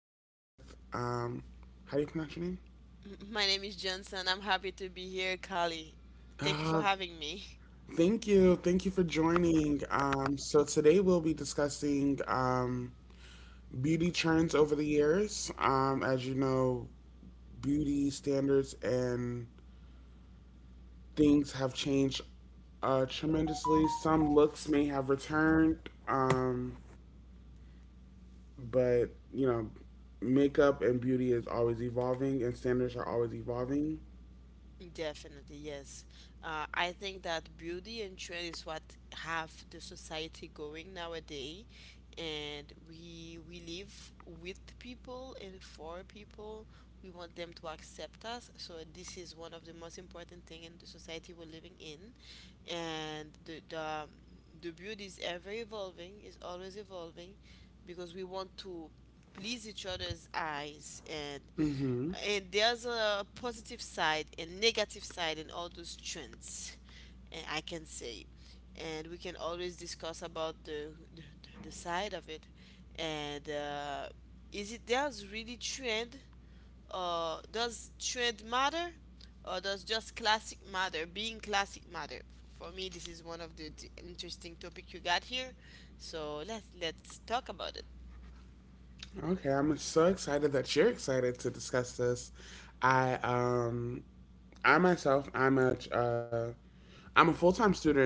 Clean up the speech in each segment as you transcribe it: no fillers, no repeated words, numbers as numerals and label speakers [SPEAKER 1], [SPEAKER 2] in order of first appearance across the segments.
[SPEAKER 1] here with, how do you pronounce your name?
[SPEAKER 2] My name is Johnson. I'm happy to be here, Kali. Thank you for
[SPEAKER 1] Uh,
[SPEAKER 2] having me.
[SPEAKER 1] Thank you. Thank you for joining. So today we'll be discussing beauty trends over the years. As you know, beauty standards and things have changed tremendously. Some looks may have returned, um, but, you know, makeup and beauty is always evolving, and standards are always evolving.
[SPEAKER 2] Definitely, yes. I think that beauty and trend is what have the society going nowadays, and we live with people and for people. We want them to accept us, so this is one of the most important thing in the society we're living in, and the the beauty is ever evolving, is always evolving, because we want to please each other's eyes
[SPEAKER 1] Mm hmm.
[SPEAKER 2] and there's a positive side and negative side in all those trends, and I can say, and we can always discuss about the side of it and is it does really trend, or does trend matter, or does just classic matter, being classic matter. For me this is one of the interesting topic you got here, so let's talk about it.
[SPEAKER 1] Okay, I'm so excited that you're excited to discuss this. I um I myself I'm a full-time student,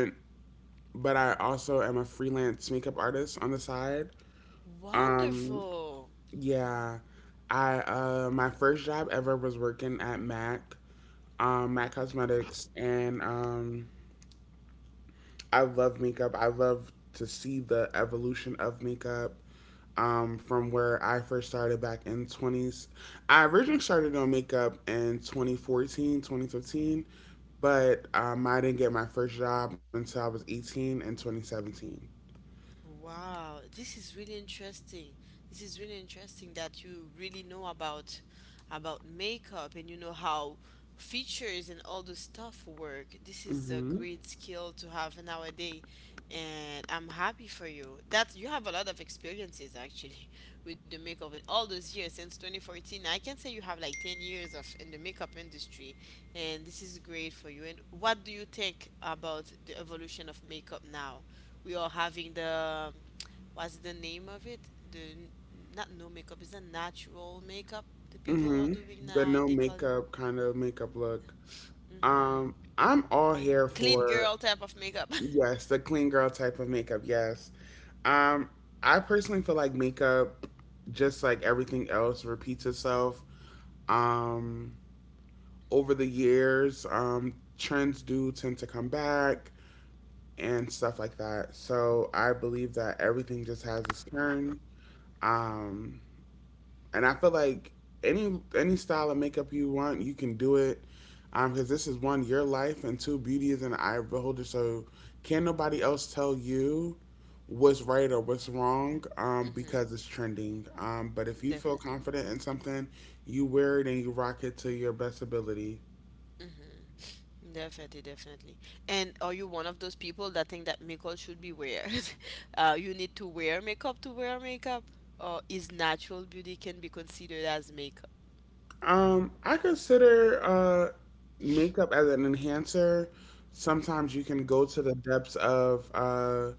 [SPEAKER 1] but I also am a freelance makeup artist on the side. Um
[SPEAKER 2] Wonderful.
[SPEAKER 1] yeah, I my first job ever was working at MAC, MAC Cosmetics, and I love makeup. I love to see the evolution of makeup from where I first started back in 20s. I originally started on makeup in 2014, 2015, but I didn't get my first job until I was 18 in 2017.
[SPEAKER 2] Wow, this is really interesting. This is really interesting that you really know about makeup, and you know how features and all the stuff work. This is a
[SPEAKER 1] Mm-hmm.
[SPEAKER 2] great skill to have nowadays, and I'm happy for you. That you have a lot of experiences actually with the makeup with all those years since 2014. I can say you have like 10 years of in the makeup industry, and this is great for you. And what do you think about the evolution of makeup now? We are having the what's the name of it? The n- Not no makeup, it's a natural makeup the people are
[SPEAKER 1] hmm
[SPEAKER 2] doing
[SPEAKER 1] The
[SPEAKER 2] now, and
[SPEAKER 1] no
[SPEAKER 2] they call it,
[SPEAKER 1] makeup kind of makeup look.
[SPEAKER 2] hmm,
[SPEAKER 1] I'm all here
[SPEAKER 2] clean
[SPEAKER 1] for.
[SPEAKER 2] girl type of makeup.
[SPEAKER 1] Yes, the clean girl type of makeup. Yes. Um, I personally feel like makeup, just like everything else, repeats itself. Um, over the years, trends do tend to come back and stuff like that. So I believe that everything just has its turn. Um, and I feel like any style of makeup you want, you can do it. Because this is one your life, and two beauty is in the eye of the beholder. So can nobody else tell you what's right or what's wrong
[SPEAKER 2] Hmm.
[SPEAKER 1] because it's trending. But if you feel
[SPEAKER 2] Definitely.
[SPEAKER 1] confident in something, you wear it and you rock it to your best ability.
[SPEAKER 2] Hmm. Definitely, definitely. And are you one of those people that think that makeup should be wear? You need to wear makeup, or is natural beauty can be considered as makeup?
[SPEAKER 1] I consider makeup as an enhancer. Sometimes you can go to the depths of, uh,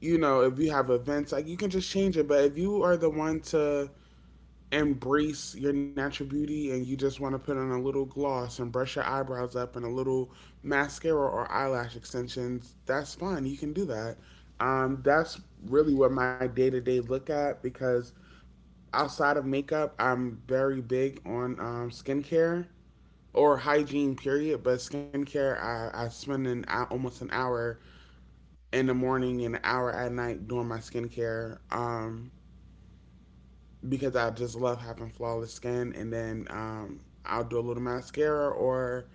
[SPEAKER 1] you know, if you have events, like you can just change it. But if you are the one to embrace your natural beauty and you just want to put on a little gloss and brush your eyebrows up and a little mascara or eyelash extensions, that's fine. You can do that. That's really what my day to day look at, because outside of makeup, I'm very big on skincare or hygiene, period. But skincare, I spend almost an hour in the morning and an hour at night doing my skincare. Because I just love having flawless skin. And then I'll do a little mascara, or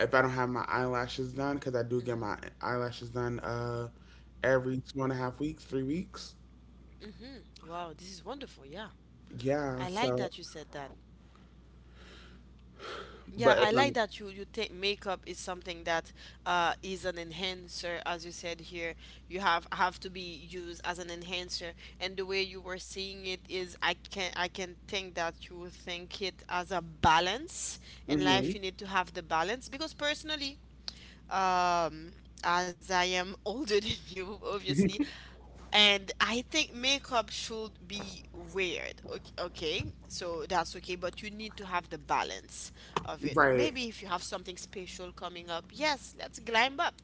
[SPEAKER 1] if I don't have my eyelashes done, because I do get my eyelashes done every 2.5 weeks, 3 weeks.
[SPEAKER 2] Wow, this is wonderful. Yeah,
[SPEAKER 1] Yeah.
[SPEAKER 2] I like
[SPEAKER 1] So,
[SPEAKER 2] that you said that. Yeah,
[SPEAKER 1] but if
[SPEAKER 2] I like
[SPEAKER 1] I'm.
[SPEAKER 2] that you think makeup is something that is an enhancer, as you said here. You have to be used as an enhancer, and the way you were seeing it is, I can think that you think it as a balance in
[SPEAKER 1] Hmm.
[SPEAKER 2] life. You need to have the balance because personally, um, as I am older than you, obviously. And I think makeup should be weird. Okay, okay, so that's okay, but you need to have the balance of it.
[SPEAKER 1] Right.
[SPEAKER 2] Maybe if you have something special coming up, yes, let's glam up.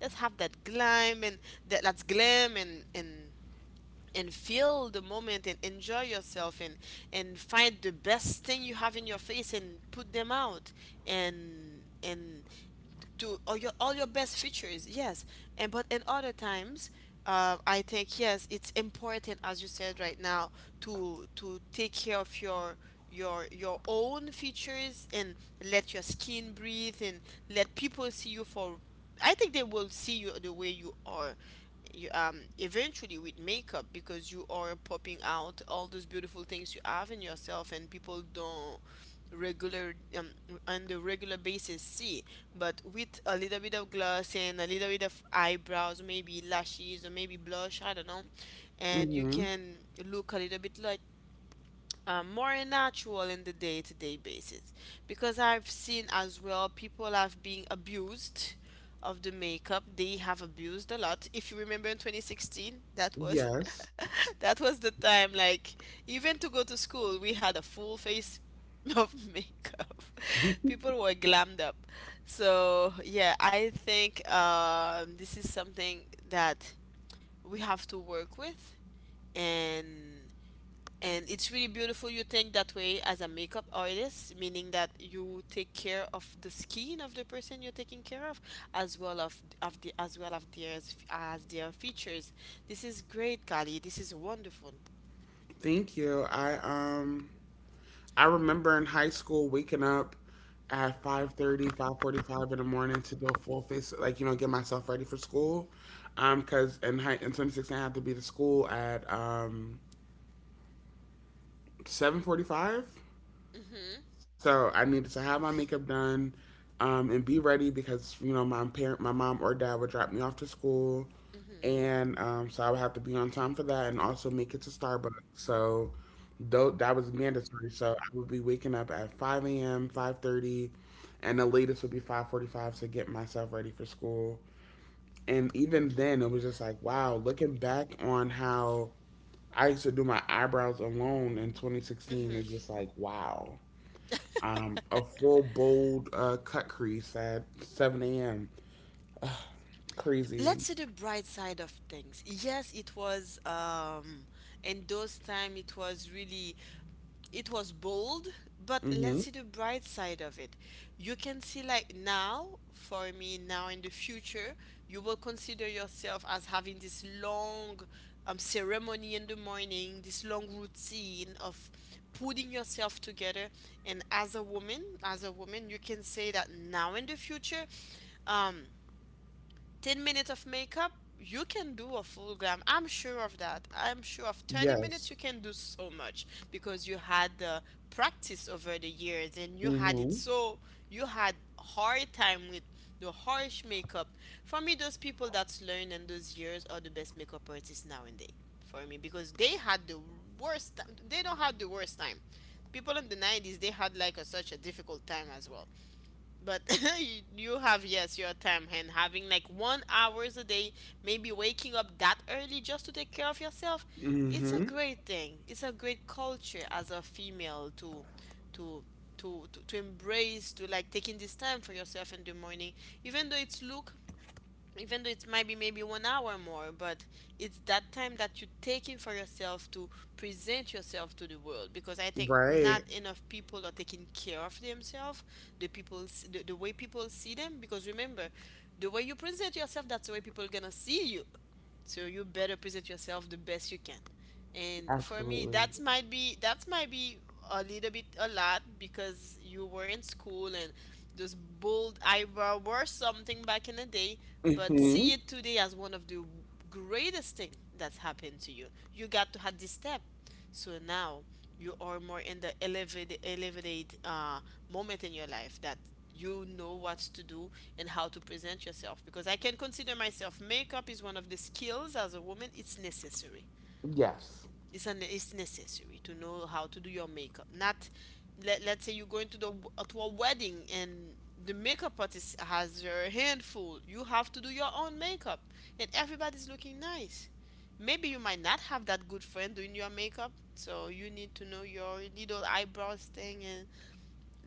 [SPEAKER 2] Let's have that glam and that's glam and and feel the moment and enjoy yourself and find the best thing you have in your face and put them out and do all your best features, yes, and but in other times I think yes it's important as you said right now to take care of your own features and let your skin breathe and let people see you for, I think they will see you the way you are. You, eventually with makeup, because you are popping out all those beautiful things you have in yourself and people don't regular on the regular basis see, but with a little bit of gloss and a little bit of eyebrows, maybe lashes or maybe blush, I don't know, and you
[SPEAKER 1] Hmm.
[SPEAKER 2] can look a little bit like more natural in the day-to-day basis, because I've seen as well people have been abused of the makeup, they have abused a lot. If you remember in 2016, that was
[SPEAKER 1] Yes.
[SPEAKER 2] that was the time like, even to go to school we had a full face of makeup. People were glammed up. So yeah, I think this is something that we have to work with, and and it's really beautiful you think that way as a makeup artist, meaning that you take care of the skin of the person you're taking care of as well of the, as well of their, as their features. This is great, Kali, this is wonderful.
[SPEAKER 1] Thank you. I remember in high school waking up at 5:30, 5:45 in the morning to do a full face, like, get myself ready for school. Because in 2016, I had to be to school at 7:45.
[SPEAKER 2] Mm-hmm.
[SPEAKER 1] So I needed to have my makeup done and be ready because, my mom or dad would drop me off to school.
[SPEAKER 2] Mm-hmm.
[SPEAKER 1] And so I would have to be on time for that, and also make it to Starbucks. So, though that was mandatory. So I would be waking up at 5 a.m., 5:30, and the latest would be 5:45 to get myself ready for school. And even then, it was just like, wow, looking back on how I used to do my eyebrows alone in 2016 is just like, wow. A full bold cut crease at 7 a.m. Crazy.
[SPEAKER 2] Let's see the bright side of things. Yes, it was, um, in those time it was really, it was bold, but let's
[SPEAKER 1] Mm-hmm.
[SPEAKER 2] see the bright side of it. You can see like now, for me now in the future, you will consider yourself as having this long ceremony in the morning, this long routine of putting yourself together, and as a woman, you can say that now in the future um 10 minutes of makeup, you can do a full glam. I'm sure of that. I'm sure of 30 minutes,
[SPEAKER 1] Yes.
[SPEAKER 2] you can do so much because you had the practice over the years and you had it,
[SPEAKER 1] Mm-hmm.
[SPEAKER 2] so you had hard time with the harsh makeup. For me, those people that's learned in those years are the best makeup artists nowadays, for me, because they had the worst time. They don't have the worst time. People in the 90s, they had like such a difficult time as well, but you have, yes, your time, and having like 1 hours a day, maybe waking up that early just to take care of yourself, it's a
[SPEAKER 1] Mm-hmm.
[SPEAKER 2] great thing, it's a great culture as a female to to embrace, to like taking this time for yourself in the morning, even though it's look, even though it might be maybe 1 hour more, but it's that time that you are taking for yourself to present yourself to the world. Because I think
[SPEAKER 1] Right.
[SPEAKER 2] not enough people are taking care of themselves, the people, the way people see them. Because remember, the way you present yourself, that's the way people gonna see you, so you better present yourself the best you can. And for me
[SPEAKER 1] Absolutely.
[SPEAKER 2] that's might be a little bit a lot, because you were in school and those bold eyebrow were something back in the day, but
[SPEAKER 1] Hmm.
[SPEAKER 2] see it today as one of the greatest thing that's happened to you. You got to have this step, so now you are more in the elevated moment in your life, that you know what to do and how to present yourself, because I can consider myself makeup is one of the skills as a woman, it's necessary,
[SPEAKER 1] Yes.
[SPEAKER 2] it's an it's necessary to know how to do your makeup. Not, let's say you're going to the, to a wedding and the makeup artist has her hand full, you have to do your own makeup and everybody's looking nice, maybe you might not have that good friend doing your makeup, so you need to know your little eyebrows thing and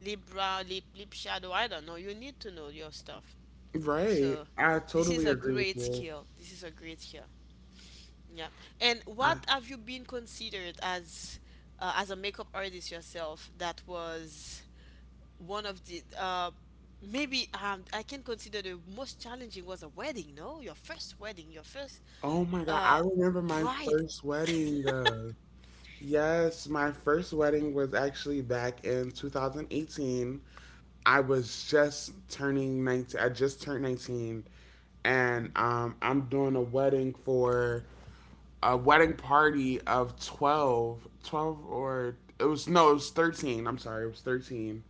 [SPEAKER 2] lip brow lip shadow, I don't know, you need to know your stuff.
[SPEAKER 1] Right.
[SPEAKER 2] So
[SPEAKER 1] I
[SPEAKER 2] this is
[SPEAKER 1] totally
[SPEAKER 2] a
[SPEAKER 1] agree with
[SPEAKER 2] great
[SPEAKER 1] you.
[SPEAKER 2] skill, this is a great skill. Yeah. And
[SPEAKER 1] I
[SPEAKER 2] what have you been considered as a makeup artist yourself that was one of the maybe, I can consider, the most challenging was a wedding, no? Your first wedding, your first
[SPEAKER 1] Oh my God, I
[SPEAKER 2] uh
[SPEAKER 1] remember my
[SPEAKER 2] bride.
[SPEAKER 1] first wedding. Yes, my first wedding was actually back in 2018. I was just turning 19. I just turned 19, and I'm doing a wedding for a wedding party of 12, 12, or it was no, it was 13. I'm sorry, it was 13.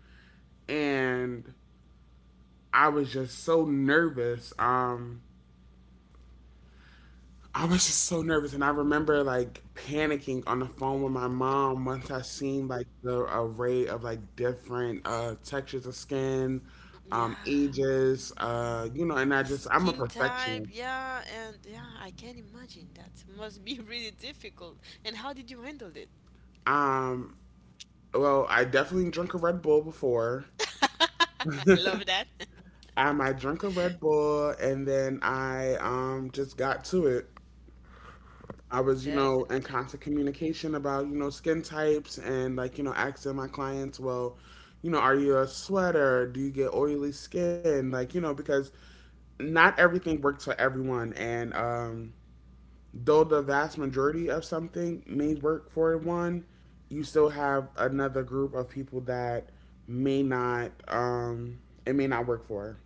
[SPEAKER 1] And I was just so nervous. I was just so nervous, and I remember like panicking on the phone with my mom once I seen like the array of like different textures of skin,
[SPEAKER 2] Yeah.
[SPEAKER 1] ages. And I'm a
[SPEAKER 2] Skin type,
[SPEAKER 1] perfectionist.
[SPEAKER 2] yeah, and yeah, I can imagine that must be really difficult. And how did you handle it?
[SPEAKER 1] Um, well, I definitely drank a Red Bull before.
[SPEAKER 2] I love that.
[SPEAKER 1] I drank a Red Bull, and then I just got to it. I was, in
[SPEAKER 2] Definitely.
[SPEAKER 1] constant communication about, skin types and like, asking my clients, well, are you a sweater? Do you get oily skin? Like, because not everything works for everyone. And though the vast majority of something may work for one, you still have another group of people that may not, it may not work for.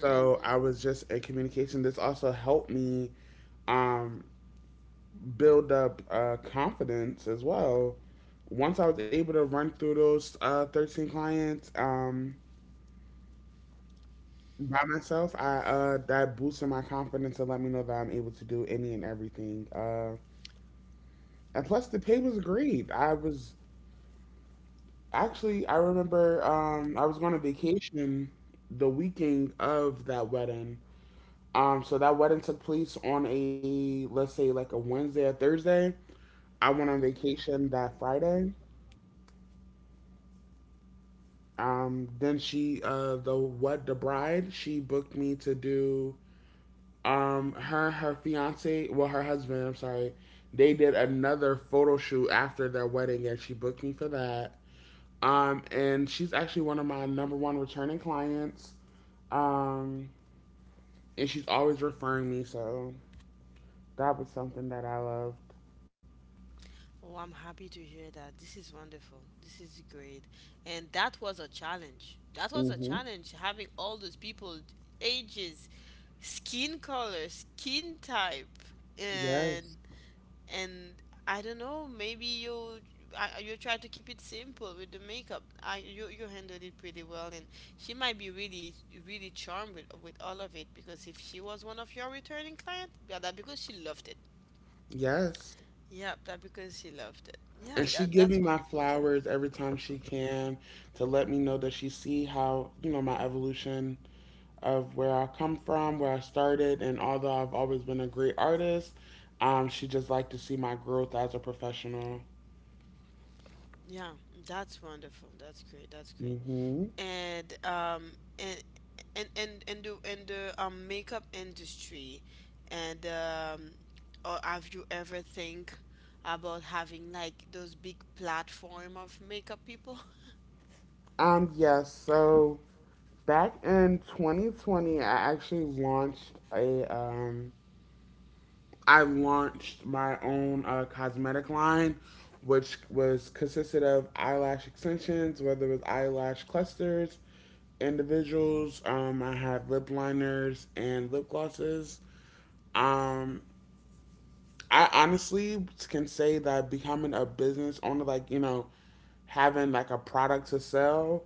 [SPEAKER 1] So I was just in communication. This also helped me um build up confidence as well. Once I was able to run through those 13 clients by myself, I that boosted my confidence and let me know that I'm able to do any and everything. And plus, the pay was great. I remember I was going on vacation the weekend of that wedding. So that wedding took place on a let's say like a Wednesday or Thursday. I went on
[SPEAKER 2] Mhm.
[SPEAKER 1] vacation that Friday. Then the bride, she booked me to do, her fiance, well, her husband, I'm sorry, they did another photo shoot after their wedding, and she booked me for that. And she's actually one of my number one returning clients. Um, and she's always referring me, so that was something that I loved.
[SPEAKER 2] Oh, I'm happy to hear that. This is wonderful. This is great. And that was a challenge. That was a
[SPEAKER 1] Mm-hmm.
[SPEAKER 2] challenge having all those people, ages, skin color, skin type, and
[SPEAKER 1] Yes.
[SPEAKER 2] and I don't know, maybe you I, you try to keep it simple with the makeup. I You you handled it pretty well, and she might be really really charmed with all of it, because if she was one of your returning client, yeah, that because she loved it.
[SPEAKER 1] Yes.
[SPEAKER 2] Yep, that because he loved it. Yeah,
[SPEAKER 1] And she
[SPEAKER 2] that
[SPEAKER 1] give
[SPEAKER 2] that's
[SPEAKER 1] me my
[SPEAKER 2] wonderful too.
[SPEAKER 1] flowers every time she can to let me know that she see how my evolution of where I come from, where I started, and although I've always been a great artist, she just like to see my growth as a professional.
[SPEAKER 2] Yeah, that's wonderful. That's great. That's great.
[SPEAKER 1] Hmm.
[SPEAKER 2] And and and the makeup industry, and, or have you ever think about having like those big platform of makeup people?
[SPEAKER 1] Yes. So back in 2020, I actually launched a I launched my own cosmetic line, which was consisted of eyelash extensions, whether it was eyelash clusters, individuals. I had lip liners and lip glosses. Um, I honestly can say that becoming a business owner, like having like a product to sell,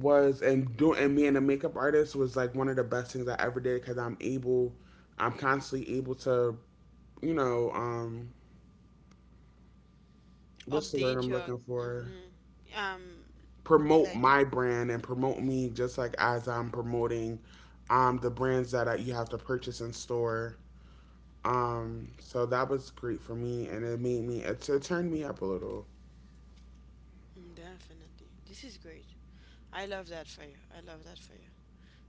[SPEAKER 1] was and doing and being a makeup artist was like one of the best things I ever did, because I'm constantly able to, you know, um, what's the word
[SPEAKER 2] Update
[SPEAKER 1] I'm
[SPEAKER 2] your,
[SPEAKER 1] looking for?
[SPEAKER 2] mm-hmm, um,
[SPEAKER 1] Promote
[SPEAKER 2] like,
[SPEAKER 1] my brand and promote me just like as I'm promoting the brands that you have to purchase in store. So that was great for me, and it made me it turned me up a little.
[SPEAKER 2] definitely this is great. I love that for you. I love that for you.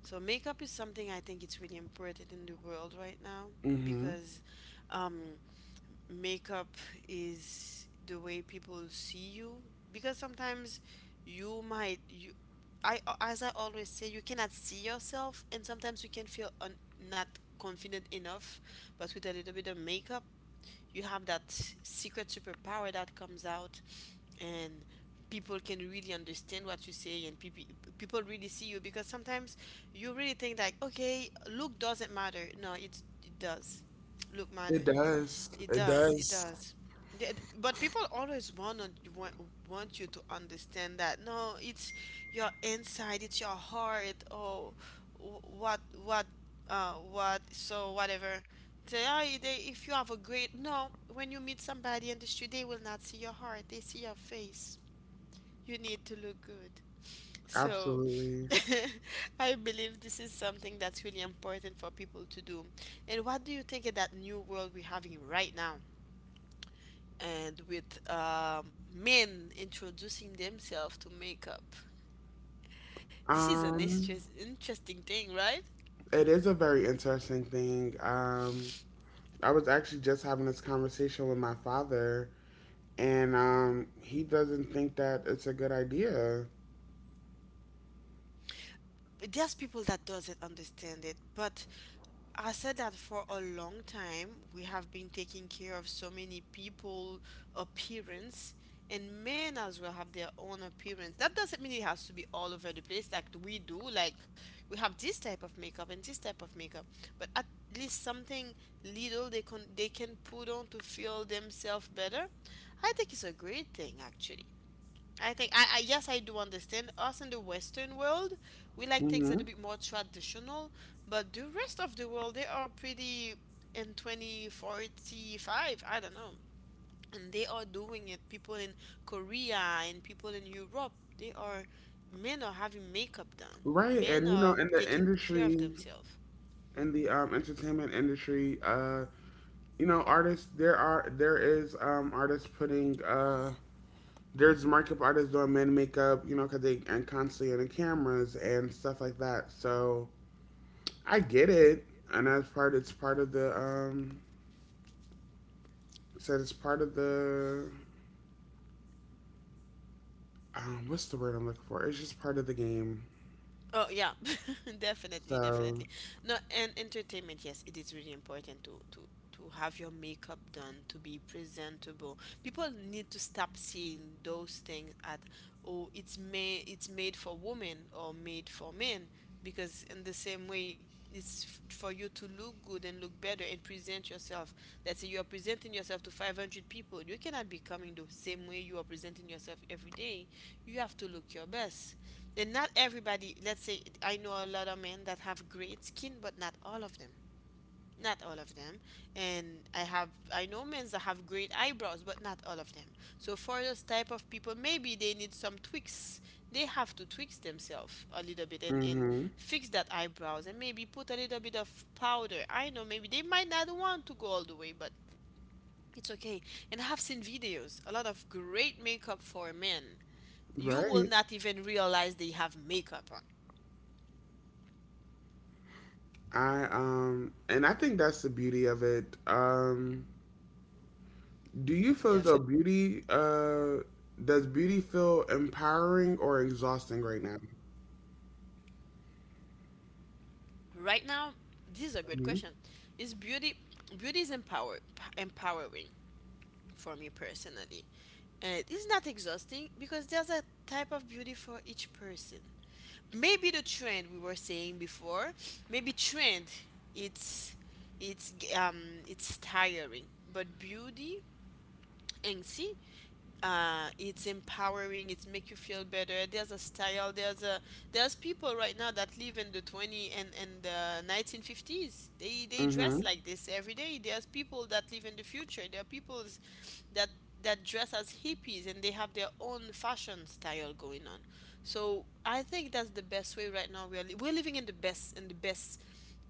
[SPEAKER 2] So makeup is something I think it's really important in the world right now
[SPEAKER 1] Hmm.
[SPEAKER 2] because, um, makeup is the way people see you. Because sometimes you might you, I as I always say, you cannot see yourself, and sometimes you can feel un, not confident enough. But with a little bit of makeup, you have that secret superpower that comes out, and people can really understand what you say, and people people really see you, because sometimes you really think like, okay, look doesn't matter, no it's, it does, look
[SPEAKER 1] It
[SPEAKER 2] matters.
[SPEAKER 1] does.
[SPEAKER 2] It
[SPEAKER 1] It
[SPEAKER 2] does. It
[SPEAKER 1] does.
[SPEAKER 2] does. But people always want want want you to understand that no, it's your inside, it's your heart, or wh- what what what so whatever. They if you have a great no, when you meet somebody in the street, they will not see your heart. They see your face. You need to look good. So
[SPEAKER 1] Absolutely.
[SPEAKER 2] I believe this is something that's really important for people to do. And what do you think of that new world we're having right now? And with men introducing themselves to makeup. This is an
[SPEAKER 1] Um,
[SPEAKER 2] interesting thing, right?
[SPEAKER 1] it is a very interesting thing. I was actually just having this conversation with my father, and he doesn't think that it's a good idea.
[SPEAKER 2] There's people that doesn't understand it, but I said that for a long time we have been taking care of so many people appearance. And men as well have their own appearance. That doesn't mean it has to be all over the place like we do. Like, we have this type of makeup and this type of makeup, but at least something little they can put on to feel themselves better. I think it's a great thing actually. I think I yes, I do understand us in the Western world, we like things a little bit more traditional, but the rest of the world, they are pretty in 2045, I don't know, and they are doing it. People in Korea and people in Europe, they are, men are having makeup done.
[SPEAKER 1] Right,
[SPEAKER 2] Men
[SPEAKER 1] and
[SPEAKER 2] are
[SPEAKER 1] in the
[SPEAKER 2] taking care of
[SPEAKER 1] industry,
[SPEAKER 2] themselves.
[SPEAKER 1] in the entertainment industry, artists there are there is artists putting there's makeup artists doing men makeup, because they and constantly on the cameras and stuff like that. So I get it, and that's part. It's part of the said it's part of the what's the word I'm looking for? It's just part of the game.
[SPEAKER 2] Oh yeah, definitely,
[SPEAKER 1] So,
[SPEAKER 2] definitely. No, and entertainment, yes, it is really important to to have your makeup done, to be presentable. People need to stop seeing those things at, oh, it's made for women or made for men. Because in the same way, for you to look good and look better and present yourself. Let's say you are presenting yourself to 500 people, you cannot be coming the same way you are presenting yourself every day. You have to look your best. And not everybody, let's say, I know a lot of men that have great skin, but not all of them, not all of them. And I know men that have great eyebrows, but not all of them. So for those type of people, maybe they need some tweaks. They have to tweak themselves a little bit, and
[SPEAKER 1] mm-hmm,
[SPEAKER 2] fix that eyebrows, and maybe put a little bit of powder. I know maybe they might not want to go all the way, but it's okay. And I have seen videos, a lot of great makeup for men. You will
[SPEAKER 1] right.
[SPEAKER 2] not even realize they have makeup on.
[SPEAKER 1] I And I think that's the beauty of it. Do you feel as though
[SPEAKER 2] Definitely.
[SPEAKER 1] does beauty feel empowering or exhausting right now?
[SPEAKER 2] Right now, this is a great
[SPEAKER 1] Mm-hmm.
[SPEAKER 2] question. Is beauty, beauty is empowering for me personally. And it's not exhausting because there's a type of beauty for each person. Maybe the trend we were saying before, maybe trend, it's it's it's tiring. But beauty, and see, uh, it's empowering, it's make you feel better. There's a style, there's a, there's people right now that live in the 20 and the 1950s, they
[SPEAKER 1] Mm-hmm.
[SPEAKER 2] dress like this every day. There's people that live in the future. There are people that that dress as hippies and they have their own fashion style going on. So I think that's the best way. Right now we're we're living in the best, in the best,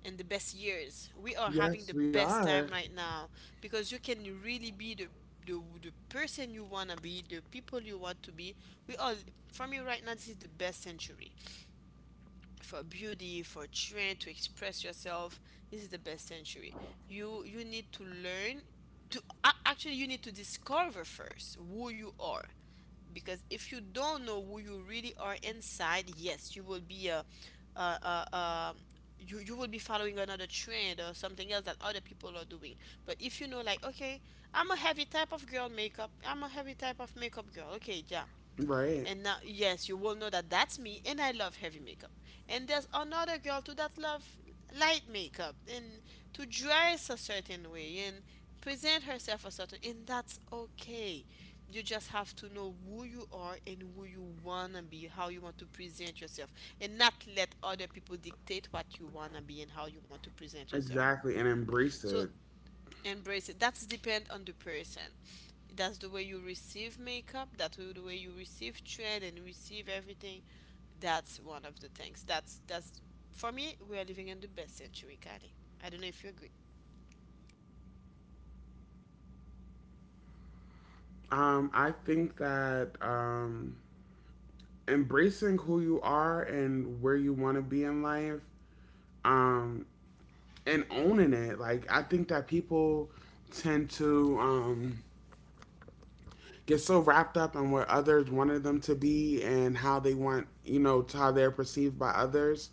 [SPEAKER 2] in the best years. We are having the
[SPEAKER 1] Yes, we
[SPEAKER 2] best
[SPEAKER 1] are.
[SPEAKER 2] time right now. Because you can really be the the person you wanna be, the people you want to be. We all, for me right now, this is the best century for beauty, for trend, to express yourself. This is the best century. You need to learn to actually, you need to discover first who you are. Because if you don't know who you really are inside, yes, you will be a you, you will be following another trend or something else that other people are doing. But if you know, like, okay, I'm a heavy type of girl makeup, I'm a heavy type of makeup girl, okay, yeah.
[SPEAKER 1] Right.
[SPEAKER 2] And now, yes, you will know that that's me and I love heavy makeup. And there's another girl too that love light makeup and to dress a certain way and present herself a certain, and that's okay. You just have to know who you are and who you wanna be, how you want to present yourself, and not let other people dictate what you wanna be and how you want to present yourself.
[SPEAKER 1] Exactly. And embrace
[SPEAKER 2] So
[SPEAKER 1] it.
[SPEAKER 2] embrace it. That's depend on the person. That's the way you receive makeup, that's the way you receive trend and receive everything. That's one of the things that's, for me, we are living in the best century, Kylie. I don't know if you agree.
[SPEAKER 1] I think that embracing who you are and where you want to be in life um, and owning it, like, I think that people tend to. Get so wrapped up in where others wanted them to be and how they want, how they're perceived by others,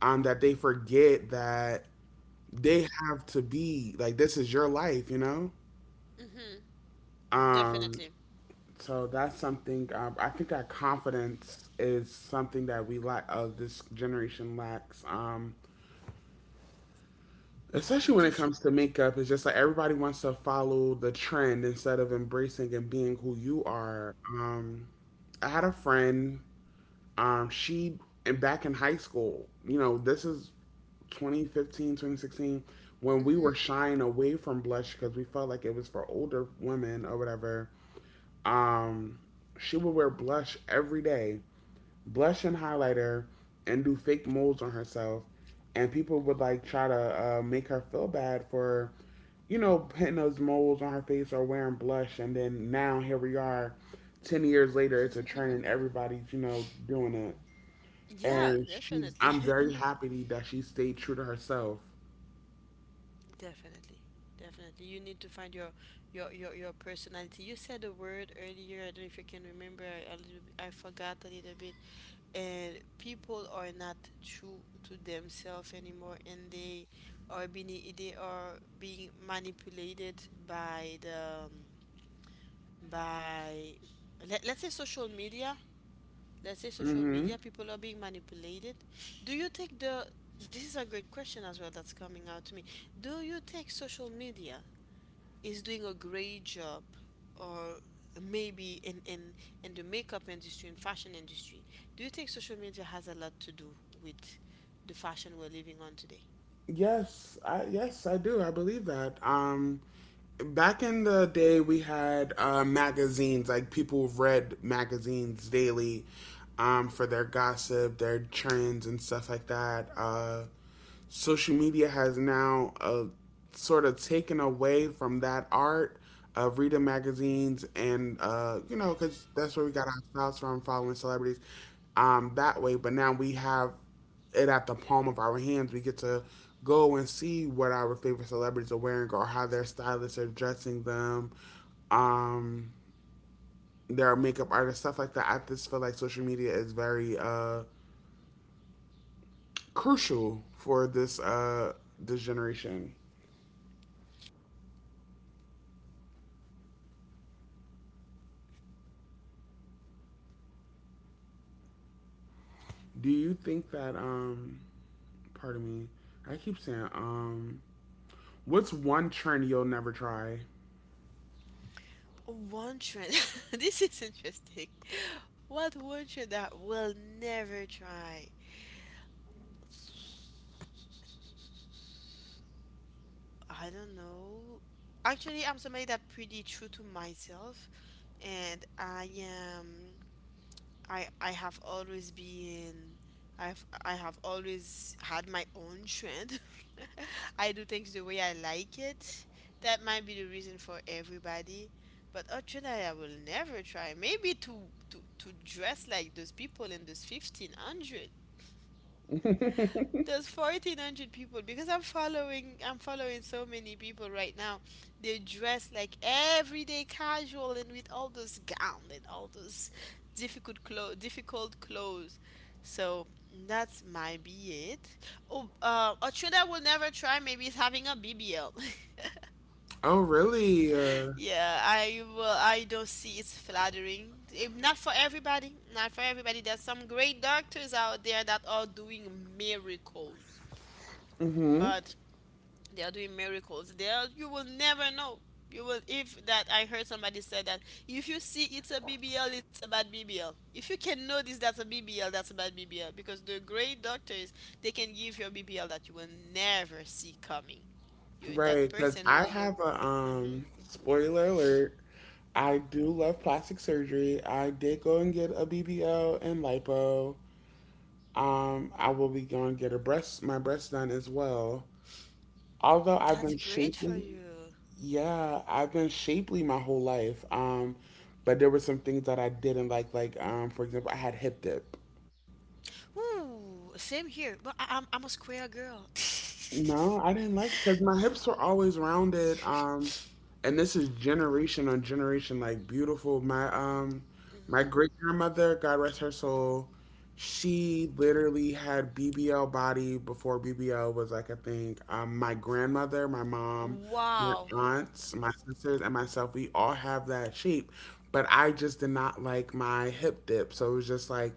[SPEAKER 1] that they forget that they have to be like this is your life.
[SPEAKER 2] Hmm,
[SPEAKER 1] Um,
[SPEAKER 2] definitely,
[SPEAKER 1] so that's something I think that confidence is something that we lack. This generation lacks. Especially when it
[SPEAKER 2] this
[SPEAKER 1] comes
[SPEAKER 2] is,
[SPEAKER 1] to makeup, it's just like everybody wants to follow the trend instead of embracing and being who you are. I had a friend. She and Back in high school, this is 2015, 2016, when we were
[SPEAKER 2] hmm,
[SPEAKER 1] shying away from blush because we felt like it was for older women or whatever. Um, she would wear blush every day, blush and highlighter, and do fake molds on herself. And people would like try to make her feel bad for, putting those molds on her face or wearing blush. And then now here we are, 10 years later, it's a trend and everybody's, doing it.
[SPEAKER 2] yeah,
[SPEAKER 1] And she's
[SPEAKER 2] definitely.
[SPEAKER 1] I'm very happy that she stayed true to herself.
[SPEAKER 2] Definitely, definitely. You need to find your your personality. You said a word earlier, I don't know if you can remember, I, a little, I forgot a little bit. And people are not true to themselves anymore, and they are being, they are being manipulated by the by, let's say, social media. Let's say social
[SPEAKER 1] Hmm.
[SPEAKER 2] media, people are being manipulated. Do you think the, this is a great question as well that's coming out to me. Do you take social media is doing a great job? Or maybe in in the makeup industry and fashion industry, do you think social media has a lot to do with the fashion we're living on today?
[SPEAKER 1] Yes, I do. I believe that back in the day we had magazines. Like, people read magazines daily, for their gossip, their trends and stuff like that. Social media has now sort of taken away from that art of reading magazines and, uh, because that's where we got our styles from, following celebrities, that way. But now we have it at the palm of our hands. We get to go and see what our favorite celebrities are wearing, or how their stylists are dressing them, um, their makeup artists, stuff like that. I just feel like social media is very crucial for this generation. Do you think that pardon me. I keep saying um. What's one trend you'll never try?
[SPEAKER 2] One trend. This is interesting. What one trend that we'll never try. I don't know. Actually, I'm somebody that pretty true to myself, and I am, I have always been, I have always had my own trend. I do things the way I like it. That might be the reason for everybody. But a trend that I will never try. Maybe to to dress like those people in those 1500, there's 1400 people, because I'm following so many people right now. They dress like everyday casual and with all those gown and all those difficult clothes, difficult clothes. So that's might be it. Oh, uh, a trend I will never try maybe is having a BBL.
[SPEAKER 1] Oh, really?
[SPEAKER 2] Yeah, I will, I don't see it's flattering. Eh, not for everybody, not for everybody. There's some great doctors out there that are doing miracles. But they are doing miracles, they are, you will never know. You will, if that, I heard somebody said that if you see it's a BBL, it's a bad BBL. If you can notice that's a BBL, that's a bad BBL, because the great doctors, they can give you a BBL that you will never see coming. You, that
[SPEAKER 1] Right, cuz
[SPEAKER 2] person
[SPEAKER 1] I
[SPEAKER 2] will look,
[SPEAKER 1] have a
[SPEAKER 2] hmm,
[SPEAKER 1] spoiler alert. I do love plastic surgery. I did go and get a BBL and lipo. Um, I will be going to get a breast my breast done as well. Although I've
[SPEAKER 2] that's
[SPEAKER 1] been
[SPEAKER 2] great for
[SPEAKER 1] shapely.
[SPEAKER 2] you.
[SPEAKER 1] Yeah, I've been shapely my whole life. But there were some things that I didn't like. Like, for example, I had hip dip.
[SPEAKER 2] Ooh, same here, but I'm a square girl.
[SPEAKER 1] No, I didn't like, because my hips were always rounded. And this is generation on generation, like, beautiful. My my
[SPEAKER 2] Hmm.
[SPEAKER 1] great grandmother, God rest her soul, she literally had BBL body before BBL was like a thing. My grandmother, my mom, my
[SPEAKER 2] Wow.
[SPEAKER 1] aunts, my sisters, and myself, we all have that shape. But I just did not like my hip dip, so it was just like —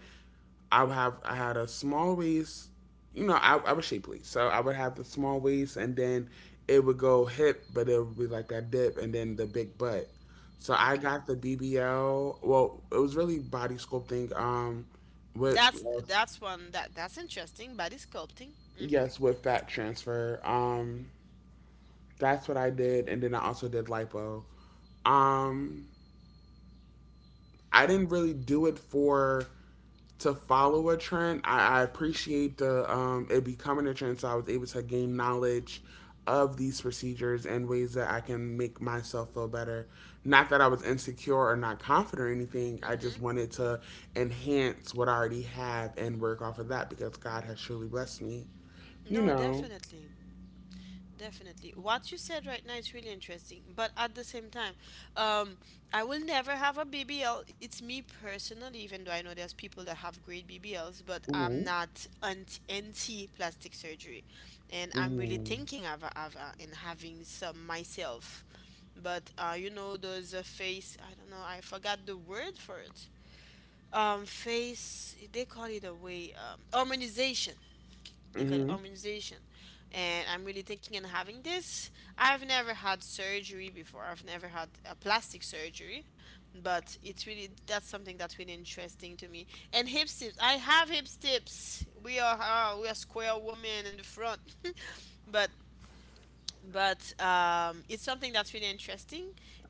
[SPEAKER 1] I would have I had a small waist. You know, I was shapely, so I would have the small waist, and then it would go hip, but it would be like that dip, and then the big butt. So I
[SPEAKER 2] Okay.
[SPEAKER 1] got the BBL. Well, it was really body sculpting. With —
[SPEAKER 2] That's one that, that's interesting. Body sculpting. Mhm.
[SPEAKER 1] yes, with fat transfer. That's what I did, and then I also did lipo. Um, I didn't really do it for — to follow a trend. I appreciate the it becoming a trend, so I was able to gain knowledge of these procedures and ways that I can make myself feel better. Not that I was insecure or not confident or anything. I just
[SPEAKER 2] Mhm.
[SPEAKER 1] wanted to enhance what I already have and work off of that, because God has truly blessed me. You
[SPEAKER 2] No,
[SPEAKER 1] know.
[SPEAKER 2] definitely. Definitely. What you said right now is really interesting, but at the same time, um, I will never have a BBL. It's me personally, even though I know there's people that have great BBLs, but I'm
[SPEAKER 1] Mhm.
[SPEAKER 2] not anti plastic surgery. And I'm really
[SPEAKER 1] Mhm.
[SPEAKER 2] thinking of and having some myself. But uh, you know those face, I don't know, I forgot the word for it. Um, face, they call it a way, um, harmonization. They call it
[SPEAKER 1] Mhm.
[SPEAKER 2] harmonization. And I'm really thinking and having this. I've never had surgery before, I've never had a plastic surgery. But it's really, that's something that's really interesting to me. And hip tips, I have hip tips. We are we are square women in the front. but but it's something that's really interesting.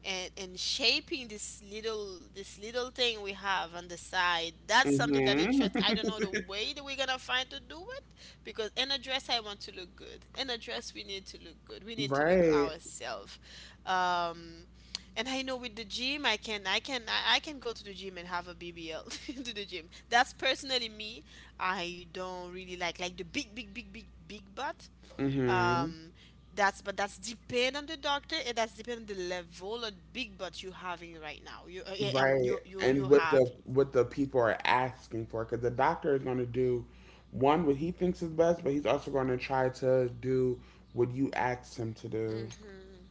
[SPEAKER 2] And shaping this little thing we have on the side, that's something that
[SPEAKER 1] Mhm.
[SPEAKER 2] interests. I don't know the way that we're gonna find to do it. Because in a dress, I want to look good. In a dress, we need to look good, we need to look
[SPEAKER 1] Right.
[SPEAKER 2] ourselves. Um, and I know with the gym I I can go to the gym and have a BBL. To the gym, that's personally me. I don't really like the big butt.
[SPEAKER 1] Mhm.
[SPEAKER 2] Um, that's, but that's depend on the doctor, and that's depend on the level of big butt you having right now. You eh, um,
[SPEAKER 1] Right, and
[SPEAKER 2] you
[SPEAKER 1] what
[SPEAKER 2] have,
[SPEAKER 1] the people are asking for, because the doctor is going to do one — what he thinks is best, but he's also going to try to do what you asked him to do.
[SPEAKER 2] hmm,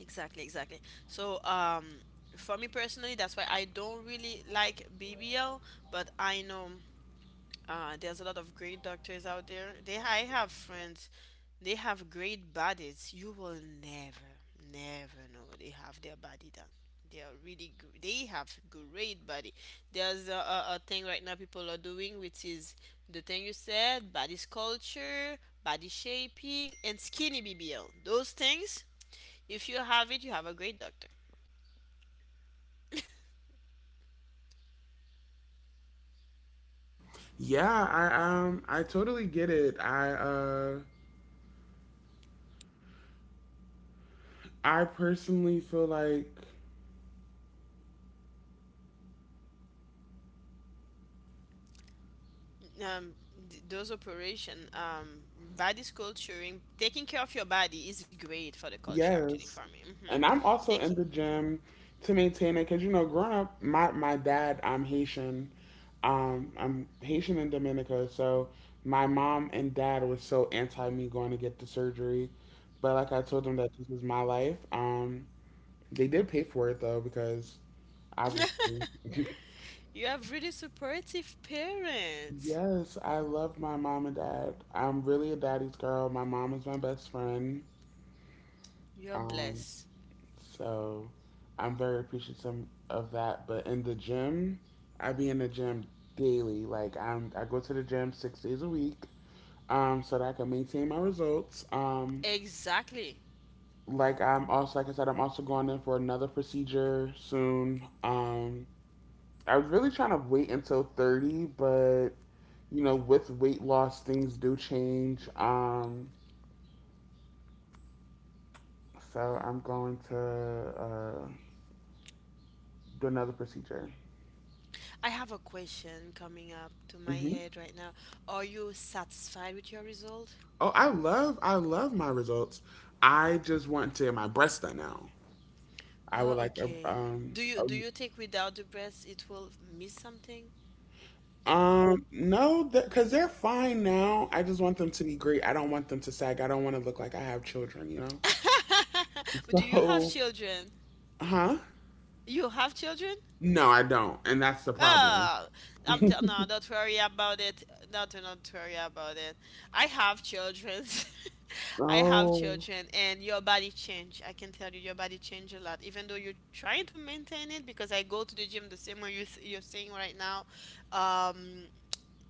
[SPEAKER 2] exactly, exactly. So um, for me personally, that's why I don't really like BBL. But I know, uh, there's a lot of great doctors out there. They, I have friends, they have great bodies. You will never, never know what they have their body done. They are really good. They have great body. There's a thing right now people are doing, which is the thing you said, body sculpture, body shaping, and skinny BBL. Those things, if you have it, you have a great doctor.
[SPEAKER 1] Yeah, I totally get it. I personally feel like —
[SPEAKER 2] Um, those operation, um, body sculpturing, taking care of your body is great for the culture actually, for
[SPEAKER 1] yes.
[SPEAKER 2] me. Mm-hmm.
[SPEAKER 1] And I'm also
[SPEAKER 2] Take,
[SPEAKER 1] in the gym to maintain it, because, you know, growing up, my dad — I'm Haitian. I'm Haitian and Dominica. So my mom and dad was so anti me going to get the surgery. But, like, I told them that this was my life. They did pay for it though, because obviously.
[SPEAKER 2] you have really supportive parents.
[SPEAKER 1] Yes, I love my mom and dad. I'm really a daddy's girl. My mom is my best friend.
[SPEAKER 2] You're
[SPEAKER 1] Um,
[SPEAKER 2] blessed.
[SPEAKER 1] So I'm very appreciative of that. But in the gym, I be in the gym daily. Like, I go to the gym 6 days a week, so that I can maintain my results.
[SPEAKER 2] Exactly.
[SPEAKER 1] Like I'm also, like I said, I'm also going in for another procedure soon. I was really trying to wait until 30, but, you know, with weight loss, things do change. So I'm going to do another procedure.
[SPEAKER 2] I have a question coming up to my
[SPEAKER 1] Hmm.
[SPEAKER 2] head right now. Are you satisfied with your result?
[SPEAKER 1] Oh, I love my results. I just want to get my breasts done now. I would
[SPEAKER 2] Oh,
[SPEAKER 1] like a
[SPEAKER 2] okay. do
[SPEAKER 1] a —
[SPEAKER 2] you do you think without the breast it will miss something?
[SPEAKER 1] um, no, because they're fine now. I just want them to be great. I don't want them to sag. I don't want to look like I have children. You know.
[SPEAKER 2] Do you have
[SPEAKER 1] So —
[SPEAKER 2] children?
[SPEAKER 1] huh?
[SPEAKER 2] You have children?
[SPEAKER 1] No, I don't, and that's the problem.
[SPEAKER 2] Oh, I'm tell no, don't worry about it. Not worry about it. I have children. I have
[SPEAKER 1] Oh,
[SPEAKER 2] children, and your body change. I can tell you, your body change a lot. Even though you're trying to maintain it, because I go to the gym the same way you're saying right now, um,